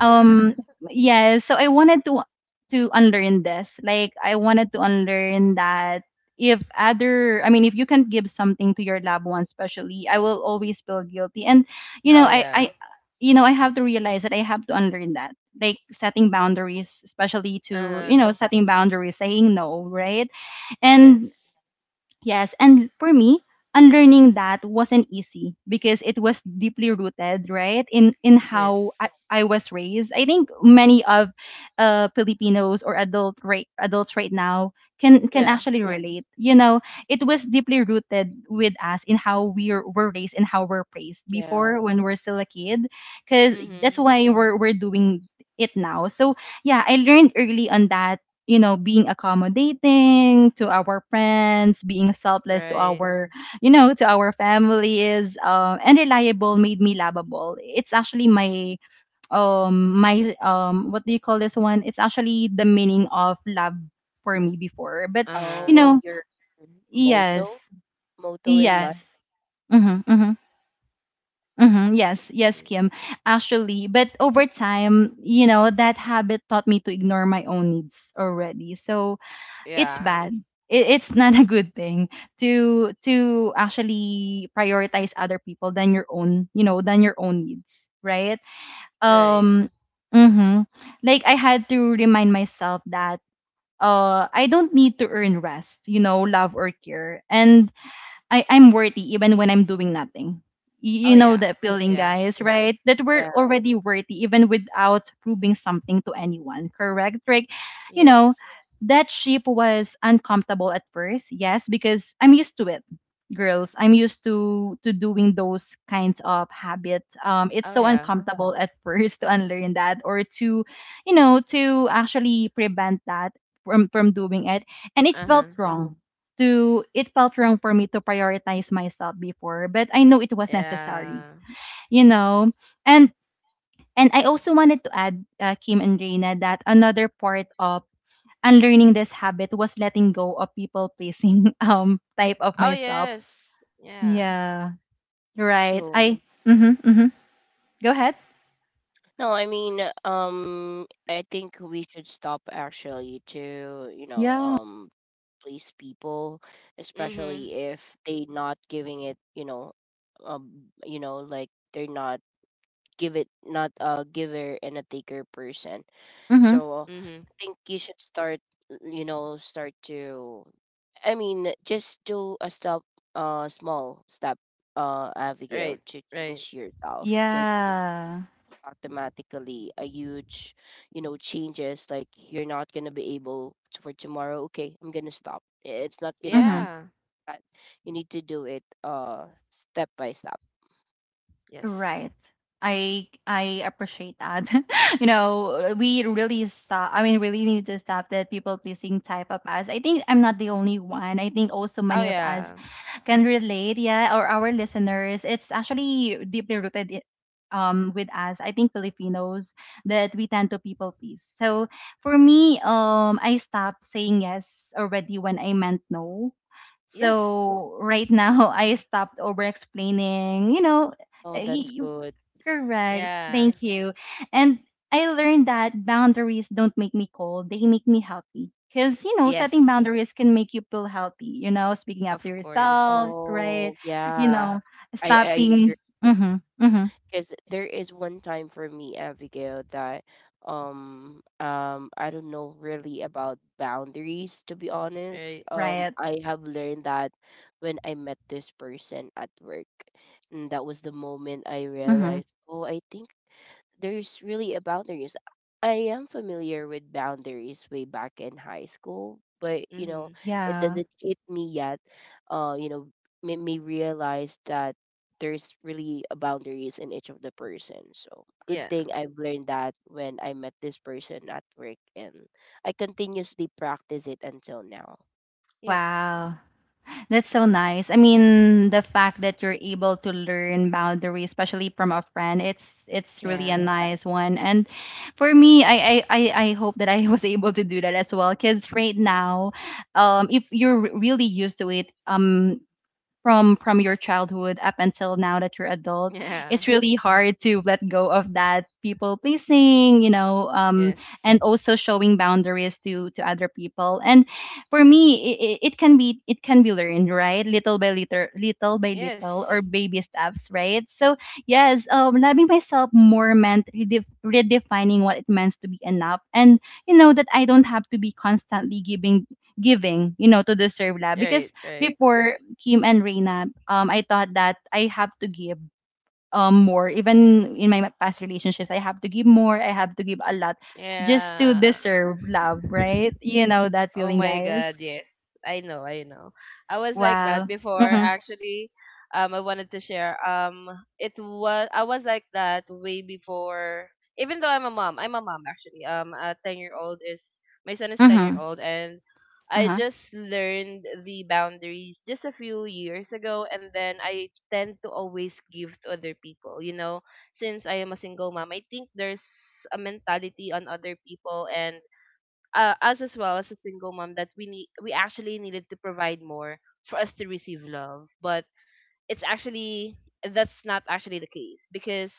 um yes, so I wanted to unlearn this, like I wanted to unlearn that if other I mean if you can give something to your loved one especially, I will always feel guilty. And you know
oh
i
yeah.
i you know, I have to realize that I have to unlearn that, like setting boundaries, especially to,
Uh-huh.
you know, setting boundaries, saying no, right?
Yes.
And yes, and for me, unlearning that wasn't easy because it was deeply rooted, right, in
Yes.
how I was raised. I think many of Filipinos or adults right now can
Yeah.
actually relate. You know, it was deeply rooted with us in how we were raised and how we're praised
yeah.
before when we're still a kid, because that's
Mhm.
why we're doing it now. So yeah, I learned early on that, you know, being accommodating to our friends, being selfless to
Right.
our, you know, to our families, and reliable made me lovable. It's actually my my what do you call this one? It's actually the meaning of love for me before. But, you
Uh-huh.
Oh,
know,
your
yes,
motto motto in life.
yes. Mm-hmm, mm-hmm. Mm-hmm. Yes, yes,
Mm.
Kim. Actually, but over time, you know, that habit taught me to ignore my own needs already. So, it's
Yeah.
bad. It's not a good thing to actually prioritize other people than your own, you know, than your own needs, right?
Right.
Um mhm. Like I had to remind myself that I don't need to earn rest, you know, love or care. And I'm worthy even when I'm doing nothing.
Oh
You know
yeah.
that feeling,
Yeah.
guys, right? That we're
Yeah.
already worthy even without proving something to anyone, correct? Like, you
Yes.
know, that ship was uncomfortable at first, yes, because I'm used to it, girls. I'm used to doing those kinds of habits. It's
Oh
so
yeah.
uncomfortable at first to unlearn that, or to, you know, to actually prevent that from doing it. And
Uh-huh.
it felt wrong for me to prioritize myself before, but I know it was necessary,
Yeah.
you know. And I also wanted to add, Kim and Reina, that another part of unlearning this habit was letting go of people pleasing type of
Oh
myself.
yes. Yeah.
Yeah, right. I
So
hmm hmm Go ahead.
no, I mean, I think we should stop actually to
Yeah.
please people,
Mhm.
especially if they not giving it you know like they're not give it not a giver and a taker person.
hmm
So
Mhm.
I think you should start you know start to I mean just do a stop small step
Right.
Abigail to
Right.
change yourself
yeah
automatically a huge you know changes like you're not going to be able to, for tomorrow okay I'm going to stop it's not going to
hmm
be
Yeah.
that you need to do it step by step.
Yes.
Right. I appreciate that. You know, we really stop. I mean, really need to stop that people pleasing type of us. I think I'm not the only one. I think also
Oh
many of us
yeah.
can relate, yeah, or our listeners. It's actually deeply rooted with us. I think Filipinos, that we tend to people please. So for me, I stopped saying yes already when I meant no.
Yes.
So right now, I stopped over explaining. You know,
Oh, that's good.
correct.
Yeah.
Thank you. And I learned that boundaries don't make me cold, they make me healthy. Because, you know,
Yes.
setting boundaries can make you feel healthy, you know, speaking up to
Of course.
yourself, right?
Oh
You
yeah,
know,
I
stopping.
agree.
Mm hmm. Mm hmm.
Because there is one time for me, Abigail, that I don't know really about boundaries to be honest.
Right.
Right.
I have learned that when I met this person at work. And that was the moment I
Mm hmm.
realized, oh, I think there's really a boundaries. I am familiar with boundaries way back in high school, but you know,
Mhm.
it
Yeah.
doesn't hit me yet. You know, made me realize that there's really a boundaries in each of the person. So good
Yeah.
thing I've learned that when I met this person at work, and I continuously practice it until now.
Yes.
Wow. That's so nice. I mean, the fact that you're able to learn boundaries, especially from a friend, it's really a
Yeah,
nice one. And for me, I hope that I was able to do that as well. Because right now, if you're really used to it, from your childhood up until now that you're adult,
Yeah.
it's really hard to let go of that people pleasing, you know,
Yes.
and also showing boundaries to other people. And for me, it can be, learned, right, little by little, little by
Yes.
little, or baby steps, right? So yes, loving myself more meant redefining what it means to be enough, and you know that I don't have to be constantly giving, you know, to deserve love. Because
Right. Right.
before, Kim and Reina, I thought that I have to give more. Even in my past relationships, I have to give more. I have to give a lot just to
Yeah.
deserve love, right? You know that
Oh
feeling,
my
guys.
God, yes. I know, I know. I was like that
Wow.
before
Mhm.
actually. I wanted to share. It was, I was like that way before. Even though I'm a mom actually. A 10-year old is, my son is 10-year
Mhm.
old, and
Uh
I
huh.
just learned the boundaries just a few years ago, and then I tend to always give to other people. Since I am a single mom, I think there's a mentality on other people and us as well as a single mom that we actually needed to provide more for us to receive love, but it's actually, that's not actually the case because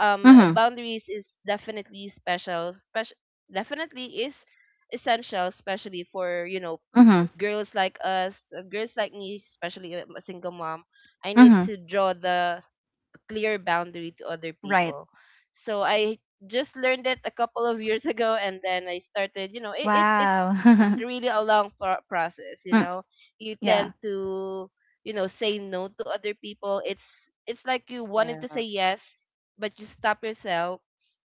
Mhm.
boundaries is definitely special, definitely is essential, especially for
Mhm.
girls like us, girls like me, especially a single mom. I need
Mhm.
to draw the clear boundary to other
Right.
people. So I just learned it a couple of years ago, and then I started. It's
Wow.
really a long process. You
Mm,
know, you
yeah.
tend to say no to other people. It's like you wanted to say
yeah,
yes, but you stop yourself,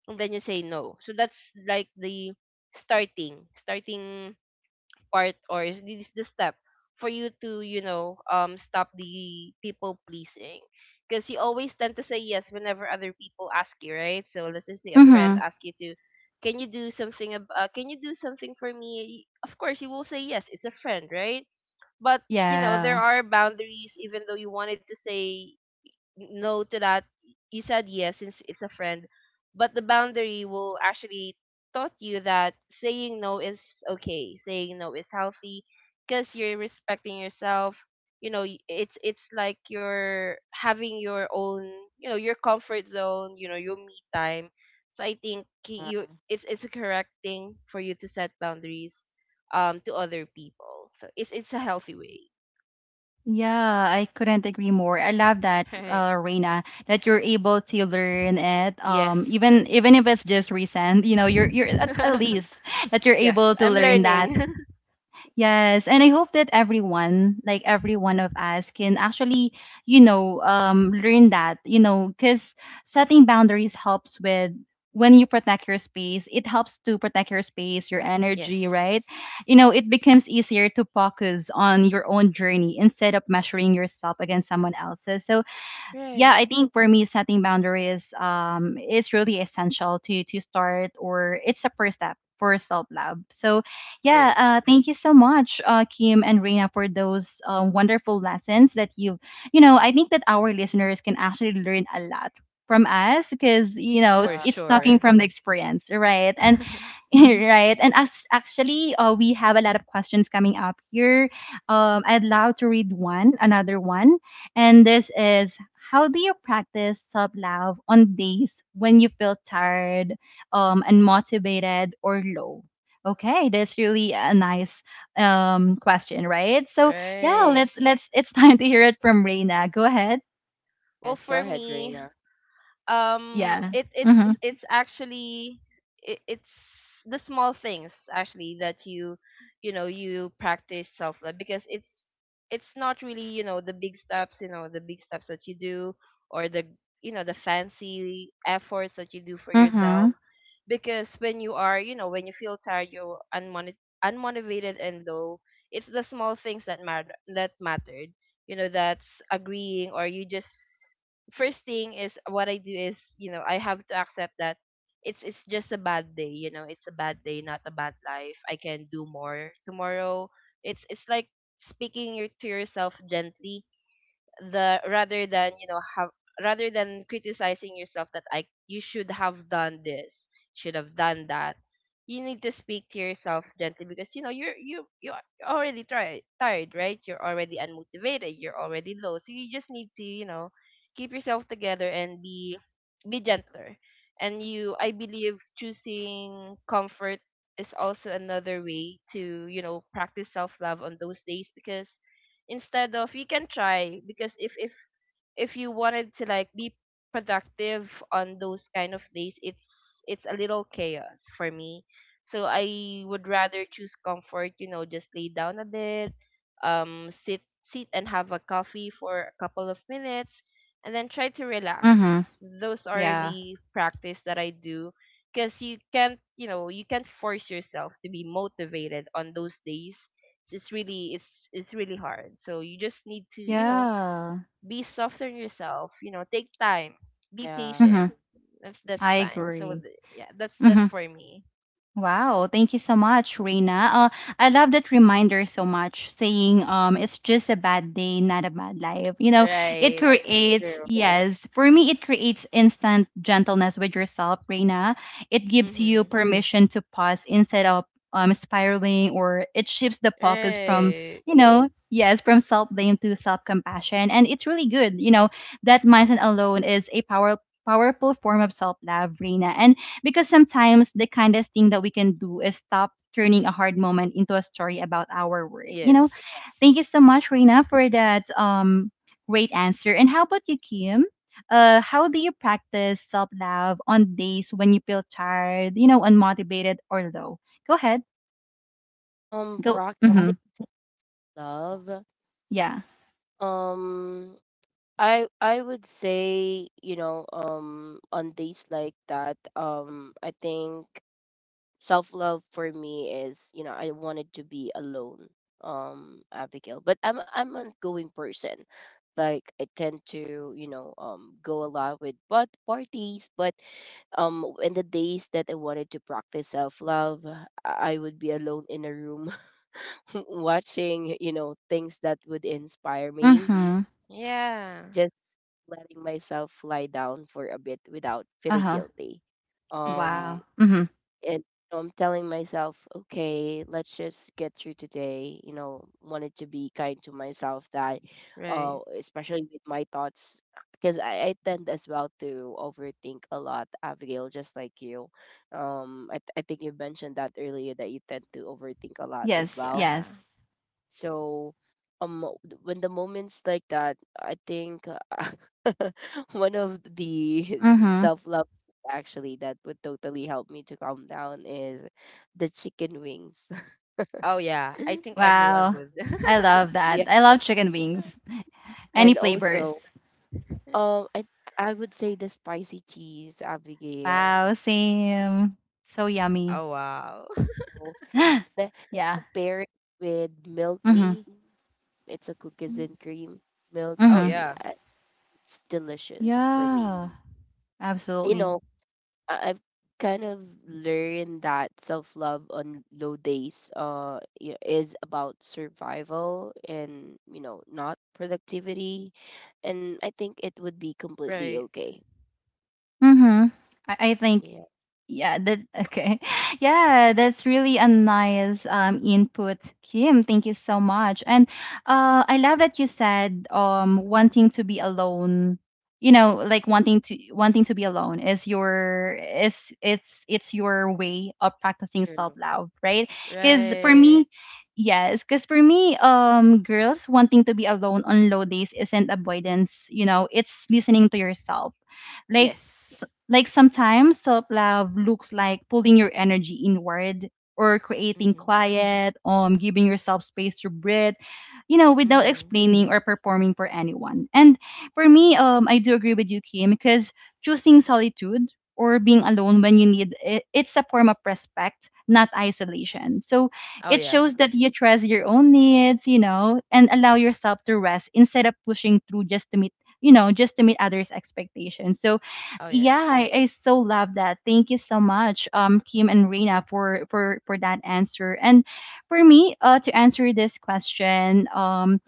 and then you say no. So that's like the starting part, or is this the step for you to stop the people pleasing? Because you always tend to say yes whenever other people ask you, right? So let's just say a friend
Mhm.
asks you to, can you do something can you do something for me? Of course you will say yes, it's a friend, right? But there
Yeah.
are boundaries, even though you wanted to say no to that, you said yes since it's a friend. But the boundary will actually taught you that saying no is okay. Saying no is healthy because you're respecting yourself. It's like you're having your own, you know, your comfort zone. Your me time. So I think ki- you it's a correct thing for you to set boundaries to other people. So it's a healthy way.
Yeah, I couldn't agree more. I love that,
Right.
Reina, that you're able to learn it.
Yes.
Even even if it's just recent, you know, you're at, least that you're
Yes,
able to
I'm
learn
learning.
that. Yes, and I hope that everyone, like every one of us, can actually, you know, learn that, you know, because setting boundaries helps with, when you protect your space, it helps to protect your space, your
Yes.
energy, right? You know, it becomes easier to focus on your own journey instead of measuring yourself against someone else's. So yeah,
Right.
I think for me, setting boundaries, is really essential to start, or it's a first step for self love. So, yeah,
Right.
thank you so much, Kim and Reina, for those wonderful lessons that you. I think that our listeners can actually learn a lot from us because you know
For
yeah.
it's talking
sure.
from the experience, right? And right. And as actually we have a lot of questions coming up here. I'd love to read one, another one, and this is, how do you practice self-love on days when you feel tired, unmotivated or low? Okay, that's really a nice question, right? So yeah,
Right.
let's it's time to hear it from Reina. Go ahead.
Well,
Yes, go
for
ahead,
me,
Reina.
Yeah.
it
Mm-hmm.
it's it's actually, it's the small things actually that you know you practice self love, because it's not really, the big steps, the big steps that you do, or the fancy efforts that you do for yourself.
Mm-hmm.
Because when you feel tired, you're unmotivated and low, it's the small things that matter that mattered that's agreeing, or you just, first thing is what I do is, I have to accept that it's just a bad day. You know, it's a bad day, not a bad life. I can do more tomorrow. It's like speaking to yourself gently, the rather than you know have rather than criticizing yourself that I you should have done this, should have done that. You need to speak to yourself gently because, you're you are already tired, tired, right? You're already unmotivated. You're already low. So you just need to, keep yourself together and be gentler. And you, I believe, choosing comfort is also another way to, practice self love on those days. Because instead of, you can try, because if you wanted to, like, be productive on those kind of days, it's a little chaos for me. So I would rather choose comfort, you know, just lay down a bit, sit and have a coffee for a couple of minutes, and then try to
Mm-hmm.
relax. Those are
Yeah.
the practice that I do, because you can't, force yourself to be motivated on those days. It's really hard. So you just need to,
Yeah.
be softer on yourself. You know, take time, be
Yeah,
patient.
Mm-hmm.
That's
I
fine. So
agree.
yeah, that's
Hmm.
for me.
Wow, thank you so much, Reina. I love that reminder so much, saying it's just a bad day, not a bad life. You know, it
Right.
creates,
true.
yes, for me, it creates instant gentleness with yourself, Reina. It gives you
Mhm.
permission to pause instead of spiraling, or it shifts the focus from,
Right.
you know, yes, from self blame to self compassion. And it's really good. You know, that mindset alone is a power, powerful form of self love, Reina. And because sometimes the kindest thing that we can do is stop turning a hard moment into a story about our worth. You
Yes.
know, thank you so much, Reina, for that great answer. And how about you, Kim? How do you practice self love on days when you feel tired, you know, unmotivated or low? Go ahead. Go. Mm-hmm.
Practicing love.
Yeah.
Um, I would say, you know, on days like that, I think self-love for me is, you know, I wanted to be alone, Abigail. But I'm an going person. Like I tend to, you know, go a lot with but parties, but in the days that I wanted to practice self-love, I would be alone in a room watching, you know, things that would inspire me
Mm-hmm.
Yeah.
just letting myself lie down for a bit without feeling
Uh-huh.
guilty.
Mhm.
Um,
Wow. Mm-hmm.
and I'm telling myself, okay, let's just get through today. You know, wanted to be kind to myself that,
Right.
especially with my thoughts, because I tend as well to overthink a lot, Abigail, just like you. I, I think you mentioned that earlier that you tend to overthink a lot as
Yes.
well,
Yeah.
Yes.
so um when the moments like that, I think one of the
Mm-hmm.
self-love actually that would totally help me to calm down is the chicken wings.
Oh yeah, I think everyone
Wow.
would.
I love that.
Yeah.
I love chicken wings. Any
And
flavors.
also, um I I would say the spicy cheese, Abigail.
Wow, same. So
Yeah.
yummy.
Oh, wow.
So, the-
Yeah.
pair it with milk
Mm.
tea. It's a cookies
Mhm.
and cream milk
Oh
Mhm.
tea.
yeah.
It's delicious for me.
Yeah.
You
Absolutely.
know, I've kind of learned that self love on low days is about survival and you know not productivity, and I think it would be completely
Right,
okay.
Mm-hmm. I think
Yeah,
yeah, that okay. Yeah, that's really a nice input, Kim. Thank you so much. And uh, I love that you said wanting to be alone, you know, like wanting to be alone is your is it's your way of practicing
true.
self-love, right?
Yeah,
Cuz for
right.
me, yes, cuz for me girls wanting to be alone on low days isn't avoidance, you know, it's listening to yourself like
Yes.
like sometimes self love looks like pulling your energy inward or creating
Mhm.
quiet, giving yourself space to breathe, you know, without
Mhm.
explaining or performing for anyone. And for me, I do agree with you, Kim, because choosing solitude or being alone when you need it, it's a form of respect, not isolation. So
Oh
it
yeah.
shows that you trust your own needs, you know, and allow yourself to rest instead of pushing through just to meet, you know, just to meet others' expectations. So
Oh yes.
yeah, I so love that. Thank you so much, Kim and Reina for for that answer. And for me, to answer this question,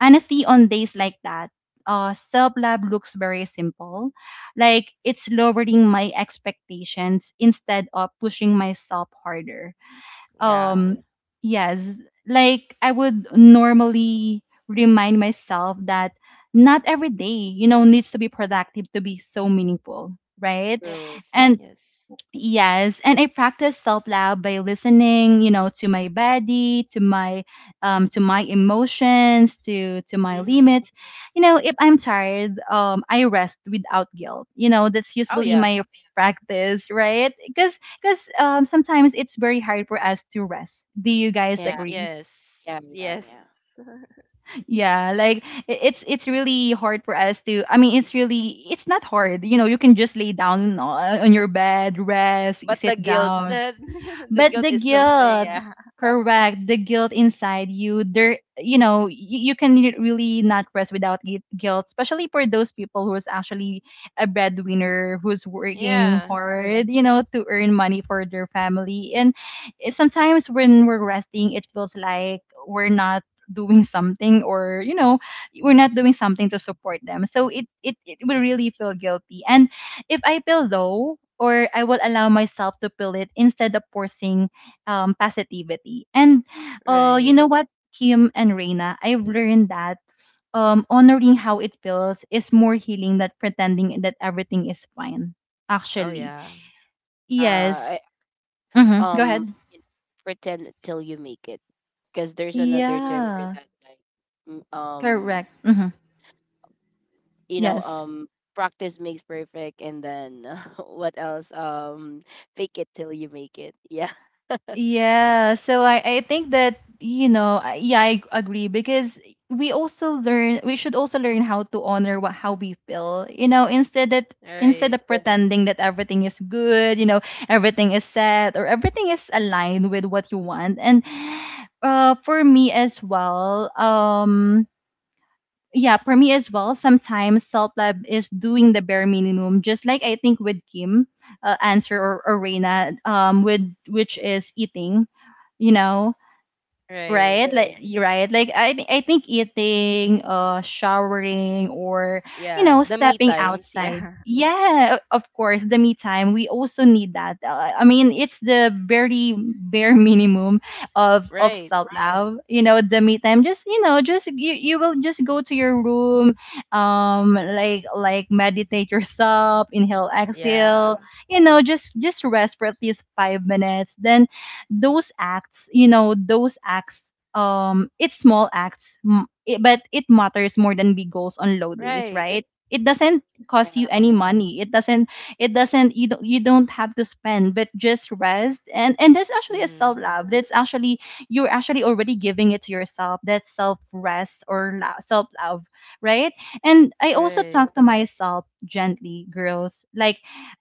honestly, on days like that, self love looks very simple. Like it's lowering my expectations instead of pushing myself harder.
Yeah.
Um, yes, like I would normally remind myself that not every day, you know, needs to be productive to be so meaningful, right?
Yes.
true.
And
Yes.
yes, and I practice self love by listening, you know, to my body, to my emotions, to my
Mhm.
limits. You know, if I'm tired, I rest without guilt. You know, that's
Oh
usually
yeah.
my practice, right? Cuz um, sometimes it's very hard for us to rest. Do you guys
Yeah,
agree?
Yes.
yeah, yeah,
Yes.
yeah.
Yeah, like it's really hard for us to, I mean, it's really, it's not hard. You know, you can just lay down on your bed, rest,
But the
sit
guilt,
down
the
but
guilt
the
is something,
guilt,
yeah.
correct, the guilt inside you, there, you know, you can really not rest without guilt, especially for those people who's actually a breadwinner, who's working
Yeah.
hard, you know, to earn money for their family. And it, sometimes when we're resting, it feels like we're not doing something, or you know we're not doing something to support them, so it it will really feel guilty. And if I feel low, or I will allow myself to feel it instead of forcing positivity. And you
Right.
know what, Kim and Reina, I've learned that honoring how it feels is more healing than pretending that everything is fine.
Oh
Actually,
yeah.
Yeah, I,
yes. Mm-hmm. Go
um,
ahead.
you know, pretend till you make it, because there's another term for
Yeah,
that, like, mm, um,
correct. Mm-hmm.
you know
Yes.
practice makes perfect and then what else fake it till you make it. Yeah,
Yeah, so I think that, you know, yeah, I agree because we also learn, we should also learn how to honor what, how we feel, you know, instead that instead
Right.
of pretending that everything is good, you know, everything is set or everything is aligned with what you want. And for me as well, yeah, for me as well, sometimes Salt Lab is doing the bare minimum, just like I think with Kim, answer or Reina, with which is eating, you know,
Right.
right like you're right like I think eating, uh, showering, or you
Yeah.
know
The me
stepping
times,
outside,
yeah.
yeah, of course the me time, we also need that I mean it's the very bare minimum of
Right.
self love, you know, the me time, just you know, just you, you will just go to your room um, like meditate yourself, inhale,
yeah,
Yeah.
exhale, you know, just rest for at least 5 minutes. Then those acts, you know, those acts um, it's small acts it, but it matters more than big goals on low days,
Right.
right? It doesn't
yeah.
cost you any money, it doesn't, it doesn't, you don't, you don't have to spend, but just rest, and that's actually a self
Mhm.
love, that's actually, you're actually already giving it to yourself, that self rest or self love, right? And I also
Right.
talk to myself gently, girls, like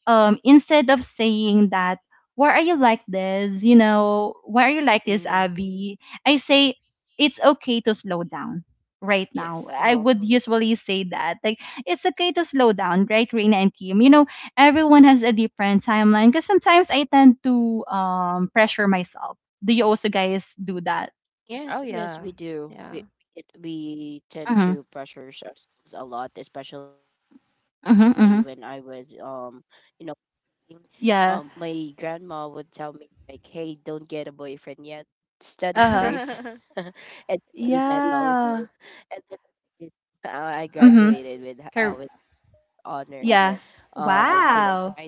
um, instead of saying that why are you like this? You know, why are you like this,
Mhm.
Abby? I say it's okay to slow down right
Yes.
now. I
Oh
would usually say that. Like it's okay to slow down, right, Reina and Kim? You know, everyone has a different timeline because sometimes I tend to pressure myself. Do you also guys do that?
yes,
Oh
yes
yeah.
we do,
Yeah.
we tend to
Mm-hmm.
pressure ourselves a lot, especially when I was
Mm-hmm. Mm-hmm.
you know working. My grandma
Yeah.
would tell me like hey don't get a boyfriend yet, study first
Uh-huh.
and give me medals and
Yeah.
then it, uh, I graduated
Mm-hmm.
with
Cor-
honor
yeah.
in senior high
Wow.
school.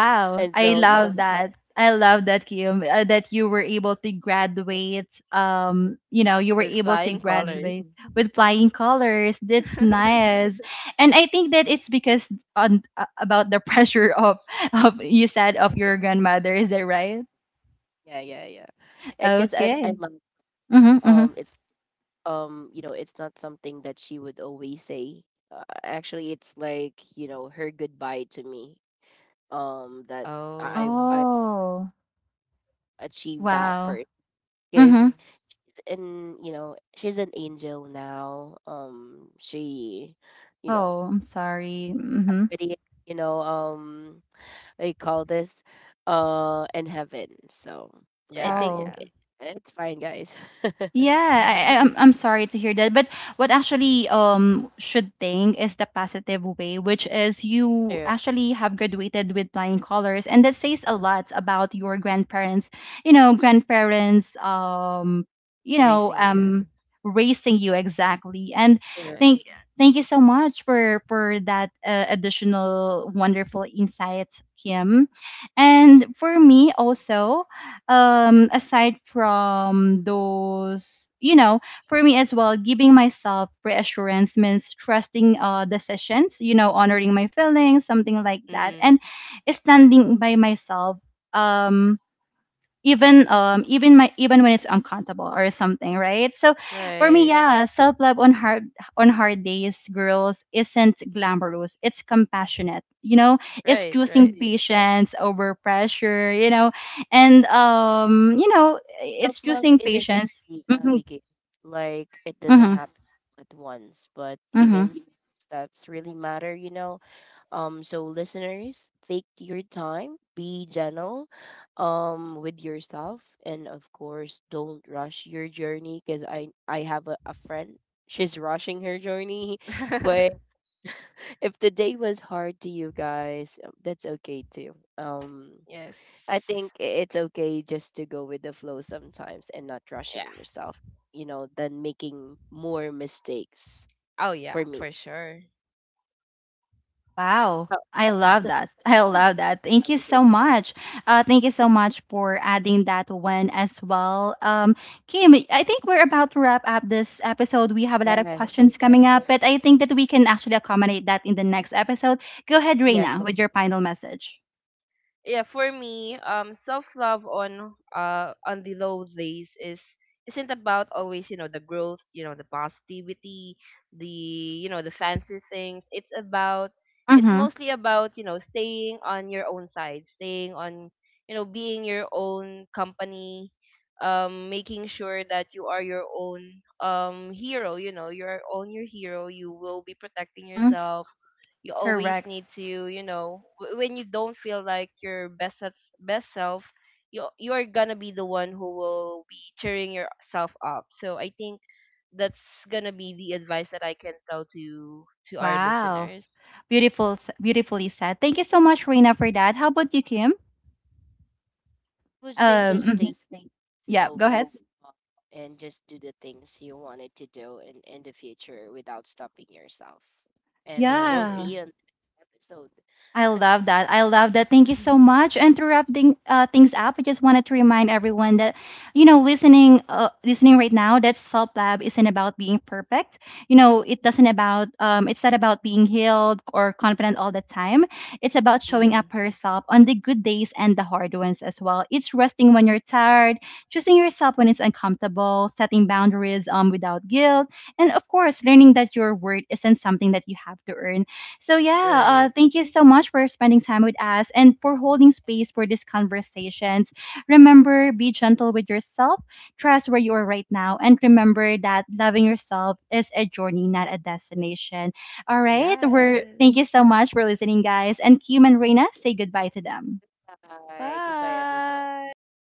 And so, you
I
know,
love that. I love that Kim, that you were able to
yeah,
graduate. You know, you were
With
able to
flying
graduate
colors.
with flying colors. That's nice, and I think that it's because on about the pressure of you said of
I
your
grad-
grandmother. Is that right?
yeah, yeah, yeah. I guess I
Okay.
love
Mm-hmm, mm-hmm.
it's you know, it's not something that she would always say. Actually, it's like, you know, her goodbye to me. That I
Oh.
I
Oh,
achieved that
wow.
first, because
Mm-hmm.
and you know she's an angel now she you know
Oh, I'm sorry. Mm-hmm.
pretty you know they call this in heaven. So I
Yeah,
think
Oh.
yeah.
it's fine, guys.
Yeah, I'm sorry to hear that. But what actually should think is the positive way, which is you
True,
actually have graduated with flying colors, and that says a lot about your grandparents. You know, grandparents. You know,
Racing you.
raising you exactly. And
true.
Right.
thank thank you so much for that additional wonderful insights, Kim. And for me also, um, aside from those you know, for me as well, giving myself reassurance means trusting uh, decisions, you know, honoring my feelings, something like that,
Mhm.
and standing by myself um, even when it's uncomfortable or something, right? So for me,
Right.
yeah, self love on hard, on hard days, girls, isn't glamorous, it's compassionate, you know, it's
Right,
choosing
right.
mhm, patience over pressure, you know, and um, you know, it's
Self love
choosing
isn't
patience.
easy, like it doesn't
Hmm.
happen at once, but
Hmm.
even steps really matter, you know. So listeners, take your time, be gentle, with yourself, and of course, don't rush your journey. Because I have a friend. She's rushing her journey, but if the day was hard to you guys, that's okay too.
Yes.
I think it's okay just to go with the flow sometimes and not
Yeah.
rushing yourself, you know, than making more mistakes
Oh yeah,
for
for
me.
sure.
Wow.
Oh,
I love that. I love that. Thank you so
Abigail.
much. Thank you so much for adding that one as well. Kim, I think we're about to wrap up this episode. We have a lot of
Yes,
questions
yes,
coming up, but I think that we can actually accommodate that in the next episode. Go ahead,
yes.
Reina, with your final message.
Yeah, for me, self love on the low days is isn't about always, the growth, the positivity, the you know the fancy things. It's
Mm-hmm.
mostly about, you know, staying on your own side, staying on you know being your own company, making sure that you are your own hero. You're on your hero, you will be protecting
Mm-hmm.
yourself. You always
Correct.
need to, you know, when you don't feel like your best self, you you're gonna be the one who will be cheering yourself up. So I think that's gonna be the advice that I can tell to our
Wow.
listeners.
Beautiful, beautifully said. Thank you so much, Reina, for that. How about you, Kim?
I would say just stay
Mhm.
as
Yeah, go
always,
ahead.
uh, and just do the things you wanted to do in the future without stopping yourself. And we'll see you in the
Right.
Yeah.
next
I
episode.
love that. I love that. Thank you so much. And to wrap things up, I just wanted to remind everyone that, you know, listening, listening right now, that self lab isn't about being perfect. You know, it doesn't about, it's not about being healed or confident all the time. It's about showing up
mm,
for yourself on the good days and the hard ones as well. It's resting when you're tired, choosing yourself when it's uncomfortable, setting boundaries without guilt, and of course, learning that your worth isn't something that you have to earn. So, yeah,
right.
thank you so much for spending time with us and for holding space for these conversations. Remember, be gentle with yourself, trust where you are right now, and remember that loving yourself is a journey, not a destination. All right, we're
Yes.
thank you so much for listening, guys. And Kim and
Thank
Reina,
you.
say goodbye to them.
Bye. Goodbye, everyone. Bye.
Bye.